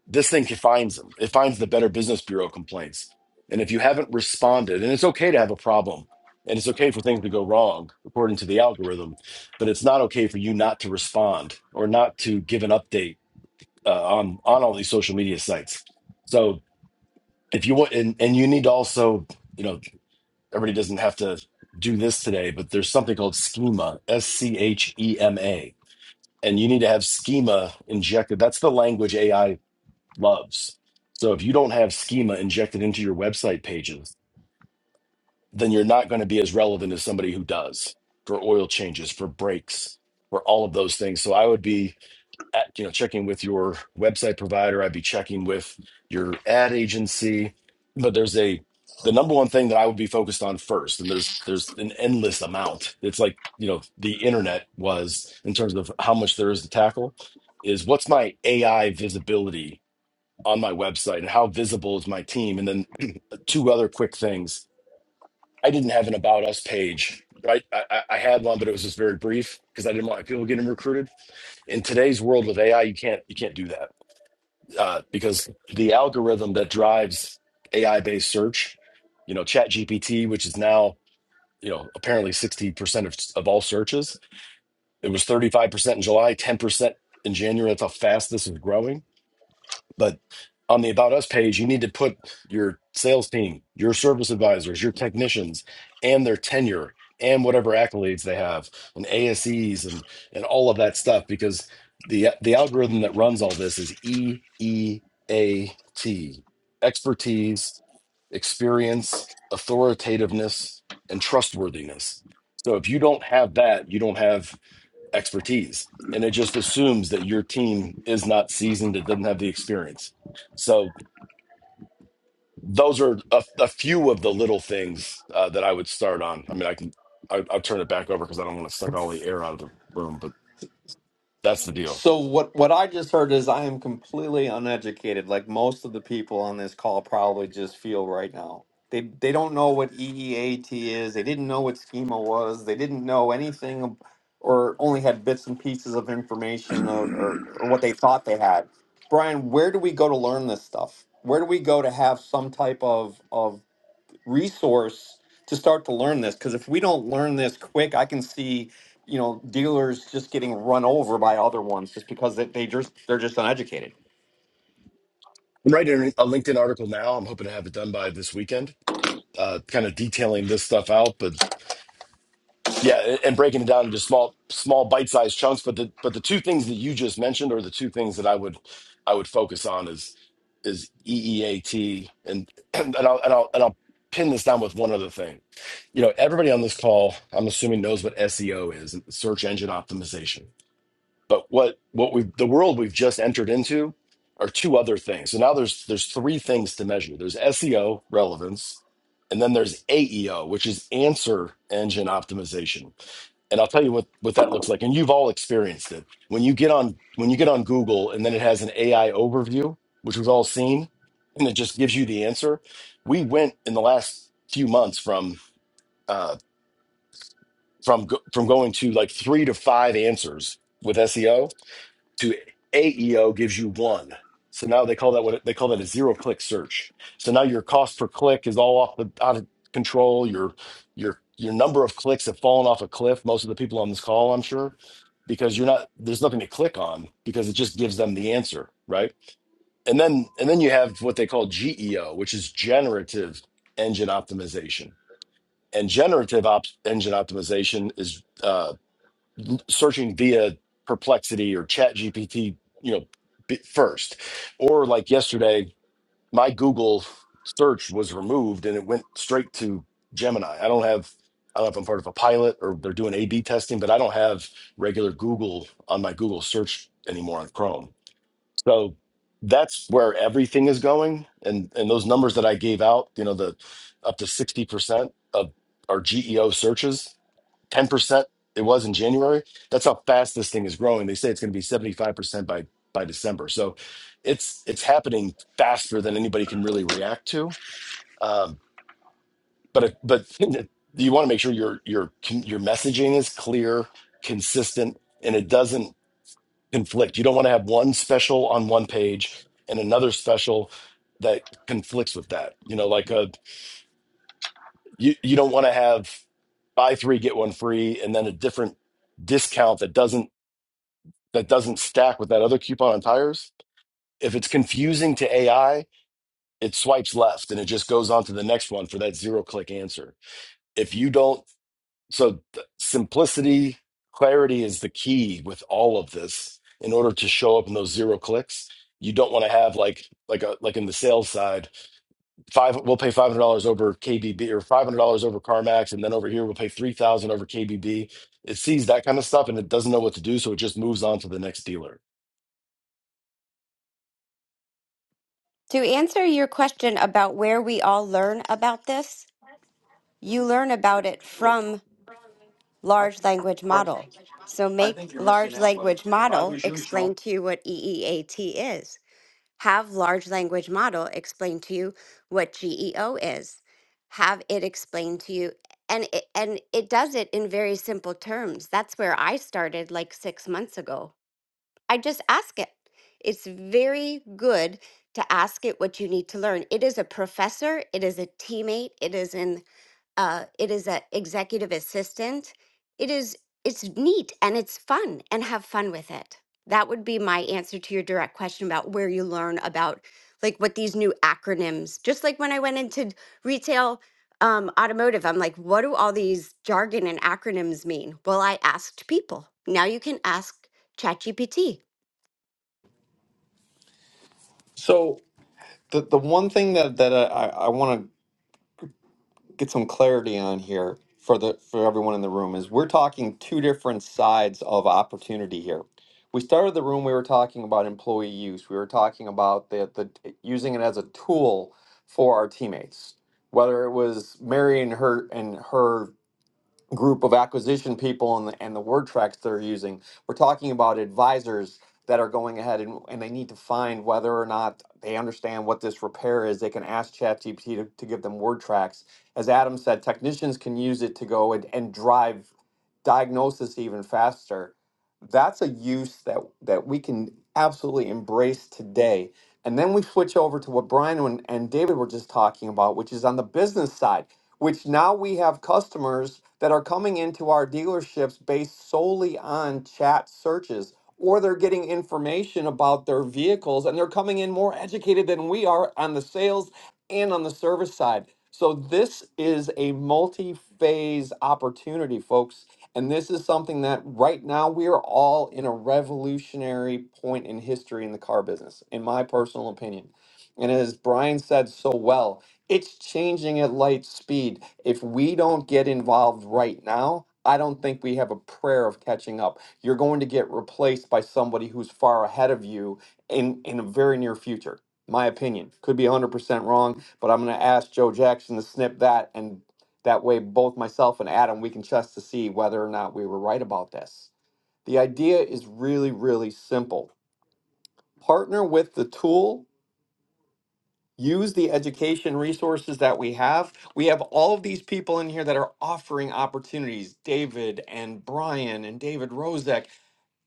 This thing finds them. It finds the Better Business Bureau complaints. And if you haven't responded, and it's okay to have a problem and it's okay for things to go wrong according to the algorithm, but it's not okay for you not to respond or not to give an update uh, on on all these social media sites. So if you want and, and you need to also you know everybody doesn't have to do this today but there's something called schema s-c-h-e-m-a and you need to have schema injected that's the language ai loves so if you don't have schema injected into your website pages then you're not going to be as relevant as somebody who does for oil changes for breaks for all of those things so i would be at, you know checking with your website provider i'd be checking with your ad agency but there's a the number one thing that i would be focused on first and there's there's an endless amount it's like you know the internet was in terms of how much there is to tackle is what's my ai visibility on my website and how visible is my team and then two other quick things i didn't have an about us page right i, I I had one but it was just very brief because i didn't want people getting recruited in today's world with ai you can't you can't do that uh, because the algorithm that drives AI based search, you know, ChatGPT, which is now, you know, apparently 60% of, of all searches, it was 35% in July, 10% in January. That's how fast this is growing but on the About Us page, you need to put your sales team, your service advisors, your technicians, and their tenure and whatever accolades they have and ASEs and and all of that stuff because the the algorithm that runs all this is E E A T expertise, experience, authoritativeness, and trustworthiness. So if you don't have that, you don't have expertise. And it just assumes that your team is not seasoned, it doesn't have the experience. So those are a, a few of the little things uh, that I would start on. I mean, I can, I, I'll turn it back over because I don't want to suck all the air out of the room, but that's the deal.
So what what I just heard is I am completely uneducated, like most of the people on this call probably just feel right now. They they don't know what EEAT is. They didn't know what schema was. They didn't know anything ab- or only had bits and pieces of information or, or, or what they thought they had. Brian, where do we go to learn this stuff? Where do we go to have some type of of resource to start to learn this because if we don't learn this quick i can see you know dealers just getting run over by other ones just because they, they just they're just uneducated
I'm writing a LinkedIn article now. I'm hoping to have it done by this weekend, uh, kind of detailing this stuff out. but. Yeah, and breaking it down into small small bite-sized chunks, but the but the two things that you just mentioned are the two things that I would I would focus on is is EEAT and (clears throat) and I'll and I'll and I'll pin this down with one other thing. You know, everybody on this call, I'm assuming knows what SEO is, search engine optimization. But what what we have the world we've just entered into are two other things. So now there's there's three things to measure. There's SEO relevance, and then there's AEO, which is answer engine optimization and I'll tell you what what that looks like. And you've all experienced it when you get on when you get on Google, and then it has an AI overview, which we've all seen, and it just gives you the answer. We went in the last few months from uh, from go- from going to like three to five answers with SEO to AEO gives you one. So now they call that what they call that a zero click search. So now your cost per click is all off the out of control. Your your your number of clicks have fallen off a cliff. Most of the people on this call, I'm sure, because you're not there's nothing to click on because it just gives them the answer, right? And then and then you have what they call GEO, which is generative engine optimization. And generative op- engine optimization is uh, searching via perplexity or chat gpt you know b- first or like yesterday my google search was removed and it went straight to gemini i don't have i don't know if i'm part of a pilot or they're doing a b testing but i don't have regular google on my google search anymore on chrome so that's where everything is going and and those numbers that i gave out you know the up to 60% of our geo searches 10% it was in January. That's how fast this thing is growing. They say it's going to be 75% by by December. So it's it's happening faster than anybody can really react to. Um, but if, but (laughs) you want to make sure your your your messaging is clear, consistent, and it doesn't conflict. You don't want to have one special on one page and another special that conflicts with that. You know, like a you you don't want to have buy three get one free and then a different discount that doesn't that doesn't stack with that other coupon on tires, if it's confusing to AI, it swipes left and it just goes on to the next one for that zero click answer. If you don't, so th- simplicity, clarity is the key with all of this in order to show up in those zero clicks. You don't want to have like like a like in the sales side, five we'll pay five hundred dollars over KBB or five hundred dollars over CarMax, and then over here we'll pay three thousand over KBB. It sees that kind of stuff and it doesn't know what to do, so it just moves on to the next dealer
To answer your question about where we all learn about this, you learn about it from large language model. So
I
make
think you're missing.
large language model explain to you what EEAT is. Have large language model explain to you what GEO is. Have it explain to you and it, and it does it in very simple terms. That's where I started like 6 months ago. I just ask it. It's very good to ask it what you need to learn. It is a professor, it is a teammate, it is an uh, it is an executive assistant. It is it's neat and it's fun and have fun with it. That would be my answer to your direct question about where you learn about like what these new acronyms. Just like when I went into retail um, automotive, I'm like, what do all these jargon and acronyms mean? Well, I asked people. Now you can ask ChatGPT
so the, the one thing that that uh, i, I want to get some clarity on here for the for everyone in the room is we're talking two different sides of opportunity here. We started the room we were talking about employee use. We were talking about the, the using it as a tool for our teammates. Whether it was Mary and her and her group of acquisition people and the, and the word tracks they're using. We're talking about advisors that are going ahead and, and they need to find whether or not they understand what this repair is. They can ask ChatGPT to, to give them word tracks. As Adam said, technicians can use it to go and, and drive diagnosis even faster. That's a use that, that we can absolutely embrace today. And then we switch over to what Brian and, and David were just talking about, which is on the business side which now we have customers that are coming into our dealerships based solely on chat searches or they're getting information about their vehicles and they're coming in more educated than we are on the sales and on the service side. So this is a multi-phase opportunity, folks, and this is something that right now we are all in a revolutionary point in history in the car business, in my personal opinion. And as Brian said so well, it's changing at light speed. If we don't get involved right now, I don't think we have a prayer of catching up. You're going to get replaced by somebody who's far ahead of you in in a very near future. My opinion could be 100% wrong, but I'm going to ask Joe Jackson to snip that and that way both myself and Adam we can test to see whether or not we were right about this. The idea is really really simple. Partner with the tool use the education resources that we have. We have all of these people in here that are offering opportunities David and Brian and David Rozek.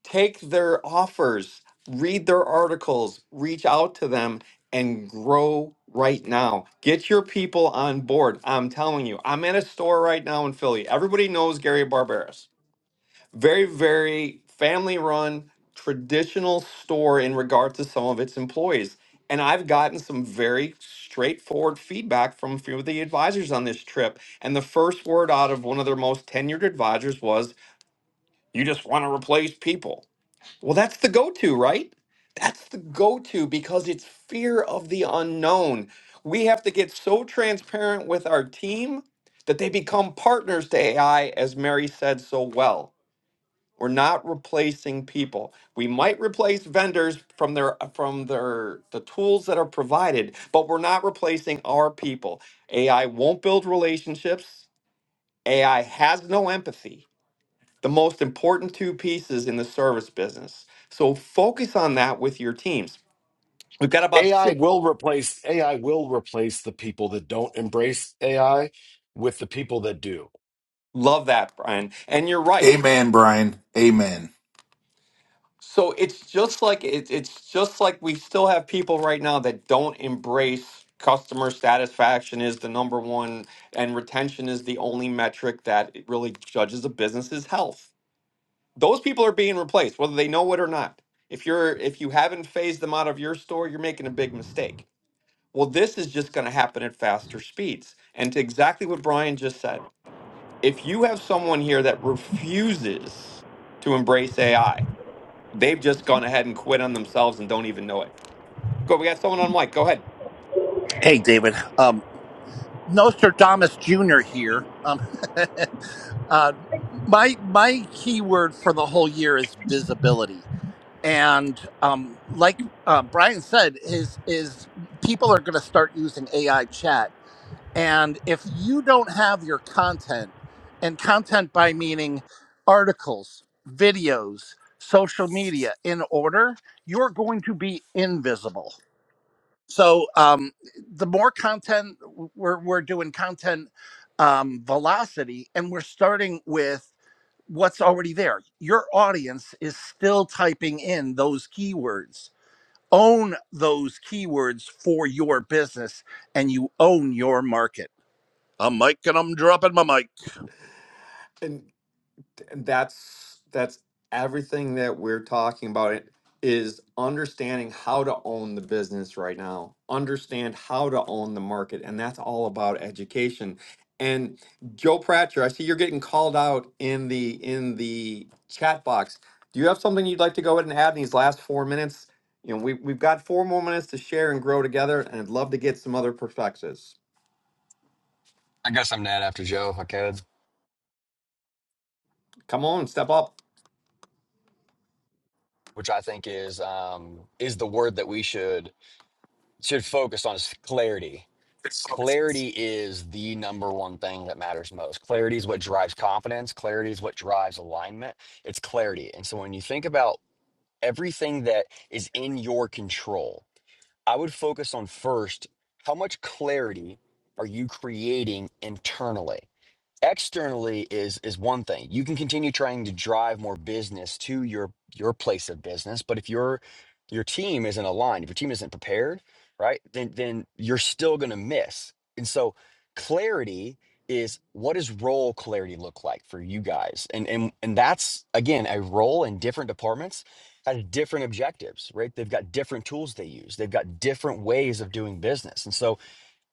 Take their offers, read their articles, reach out to them, and grow right now. Get your people on board. I'm telling you, I'm at a store right now in Philly. Everybody knows Gary Barberis very very family run traditional store in regard to some of its employees and i've gotten some very straightforward feedback from a few of the advisors on this trip and the first word out of one of their most tenured advisors was you just want to replace people well that's the go-to right that's the go-to because it's fear of the unknown we have to get so transparent with our team that they become partners to ai as mary said so well we're not replacing people. We might replace vendors from their from their the tools that are provided, but we're not replacing our people. AI won't build relationships. AI has no empathy. The most important two pieces in the service business. So focus on that with your teams. We've got about
AI
six.
will replace AI will replace the people that don't embrace AI with the people that do.
Love that, Brian. And you're right.
Amen, Brian. Amen.
So it's just like it, it's just like we still have people right now that don't embrace customer satisfaction is the number one and retention is the only metric that it really judges a business's health. Those people are being replaced whether they know it or not. If you're if you haven't phased them out of your store, you're making a big mistake. Well, this is just going to happen at faster speeds. And to exactly what Brian just said, if you have someone here that refuses to embrace AI, They've just gone ahead and quit on themselves and don't even know it. Go, we got someone on mic. Go ahead.
Hey, David. Um, Nostradamus Jr. here. Um, (laughs) uh, my my keyword for the whole year is visibility, and um, like uh, Brian said, is is people are going to start using AI chat, and if you don't have your content, and content by meaning articles, videos, social media in order, you're going to be invisible so um the more content we're we're doing content um velocity and we're starting with what's already there your audience is still typing in those keywords own those keywords for your business and you own your market i'm mic and i'm dropping my mic
and and that's that's everything that we're talking about it is understanding how to own the business right now understand how to own the market and that's all about education and joe pratcher i see you're getting called out in the in the chat box do you have something you'd like to go ahead and add in these last four minutes you know we, we've got four more minutes to share and grow together and i'd love to get some other perspectives
I guess I'm Nat after Joe, if I could,
Come on, step up.
which I think is um, is the word that we should should focus on is clarity. Clarity is the number one thing that matters most. Clarity is what drives confidence. Clarity is what drives alignment. It's clarity. And so when you think about everything that is in your control, I would focus on first how much clarity are you creating internally? externally is is one thing you can continue trying to drive more business to your your place of business but if your your team isn't aligned if your team isn't prepared right then then you're still going to miss and so clarity is what does role clarity look like for you guys and and and that's again a role in different departments has different objectives right they've got different tools they use they've got different ways of doing business and so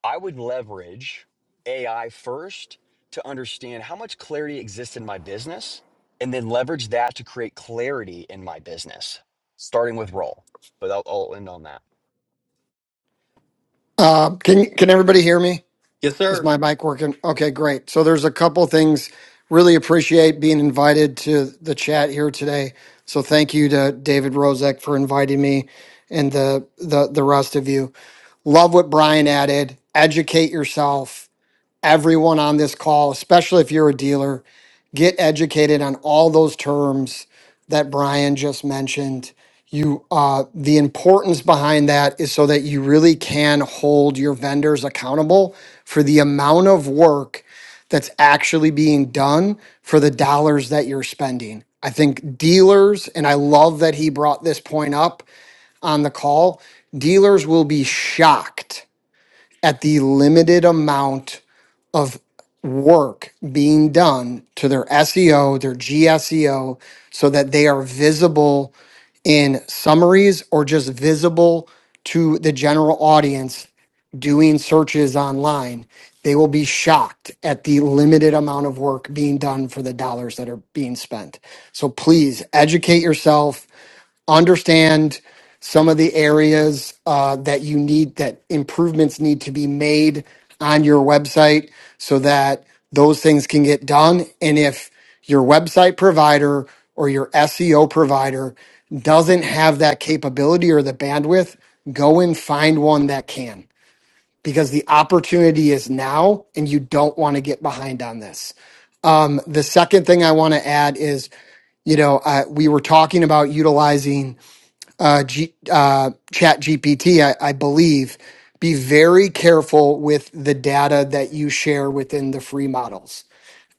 I would leverage AI first to understand how much clarity exists in my business and then leverage that to create clarity in my business, starting with role. But I'll, I'll end on that.
Uh, can can everybody hear me?
Yes,
Is
sir.
my mic working? Okay, great. So there's a couple things. Really appreciate being invited to the chat here today. So thank you to David Rozek for inviting me and the the the rest of you. Love what Brian added. Educate yourself everyone on this call, especially if you're a dealer, get educated on all those terms that Brian just mentioned. You, uh, the importance behind that is so that you really can hold your vendors accountable for the amount of work that's actually being done for the dollars that you're spending. I think dealers, and I love that he brought this point up on the call, dealers will be shocked at the limited amount of work being done to their SEO, their GSEO, so that they are visible in summaries or just visible to the general audience doing searches online. They will be shocked at the limited amount of work being done for the dollars that are being spent. So please educate yourself understand some of the areas uh, that you need that improvements need to be made on your website so that those things can get done and if your website provider or your SEO provider doesn't have that capability or the bandwidth go and find one that can because the opportunity is now and you don't want to get behind on this Um, the second thing i want to add is you know, uh, we were talking about utilizing uh, G, uh, Chat GPT, I, I believe, be very careful with the data that you share within the free models.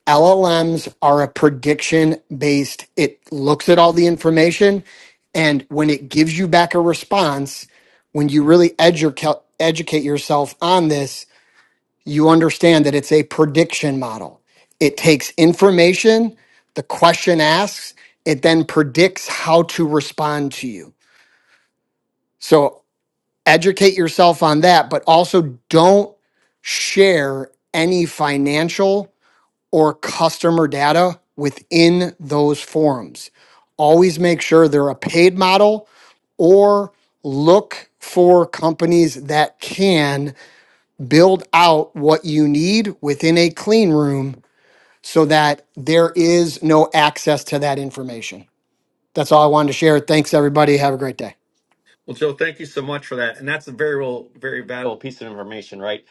LLMs are a prediction based, it looks at all the information. And when it gives you back a response, when you really educa- educate yourself on this, you understand that it's a prediction model. It takes information, the question asks, it then predicts how to respond to you. So educate yourself on that, but also don't share any financial or customer data within those forums. Always make sure they're a paid model or look for companies that can build out what you need within a clean room so that there is no access to that information. That's all I wanted to share. Thanks, everybody. Have a great day.
Well, Joe, thank you so much for that. And that's a very real, very valuable piece of information, right?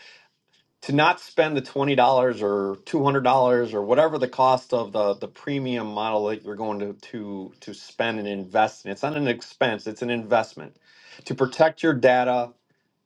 To not spend the twenty dollars or two hundred dollars or whatever the cost of the the premium model that you're going to to to spend and invest in. It's not an expense; it's an investment to protect your data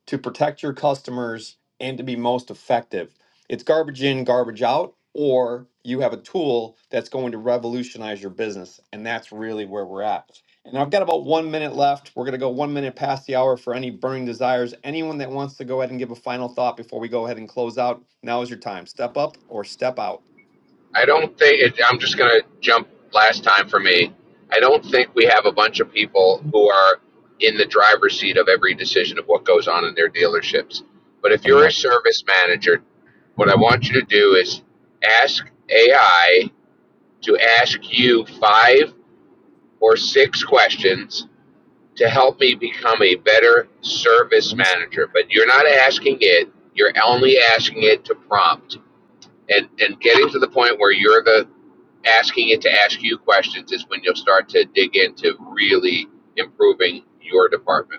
to protect your customers and to be most effective. It's garbage in, garbage out, or you have a tool that's going to revolutionize your business. And that's really where we're at. And I've got about one minute left. We're going to go one minute past the hour for any burning desires. Anyone that wants to go ahead and give a final thought before we go ahead and close out, now is your time. Step up or step out.
I don't think it, I'm just going to jump last time for me. I don't think we have a bunch of people who are in the driver's seat of every decision of what goes on in their dealerships. But if you're a
Amen.
service manager, what I want you to do is ask AI to ask you five or six questions to help me become a better service manager. But you're not asking it, you're only asking it to prompt and, and getting to the point where you're the asking it to ask you questions is when you'll start to dig into really improving your department.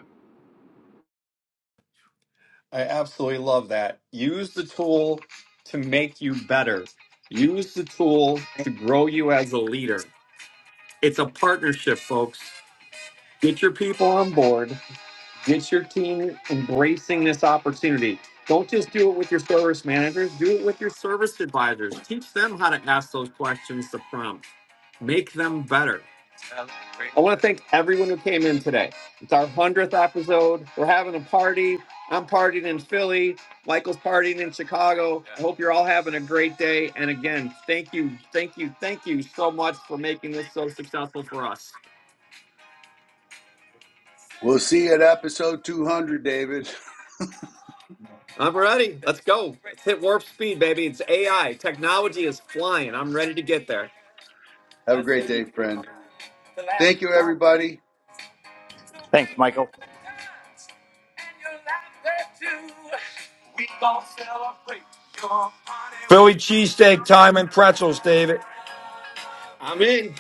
I absolutely love that. Use the tool to make you better, use the tool to grow you as a leader. It's a partnership, folks. Get your people on board. Get your team embracing this opportunity. Don't just do it with your service managers, do it with your service advisors. Teach them how to ask those questions to prompt, make them better. I want to thank everyone who came in today. It's our 100th episode. We're having a party. I'm partying in Philly. Michael's partying in Chicago. I hope you're all having a great day. And again, thank you, thank you, thank you so much for making this so successful for us.
We'll see you at episode 200, David. (laughs)
I'm ready. Let's go. Let's hit warp speed, baby. It's AI. Technology is flying. I'm ready to get there.
Have a great day, friend. Thank you, everybody.
Thanks, Michael.
Philly cheesesteak, thyme, and pretzels, David.
I'm in.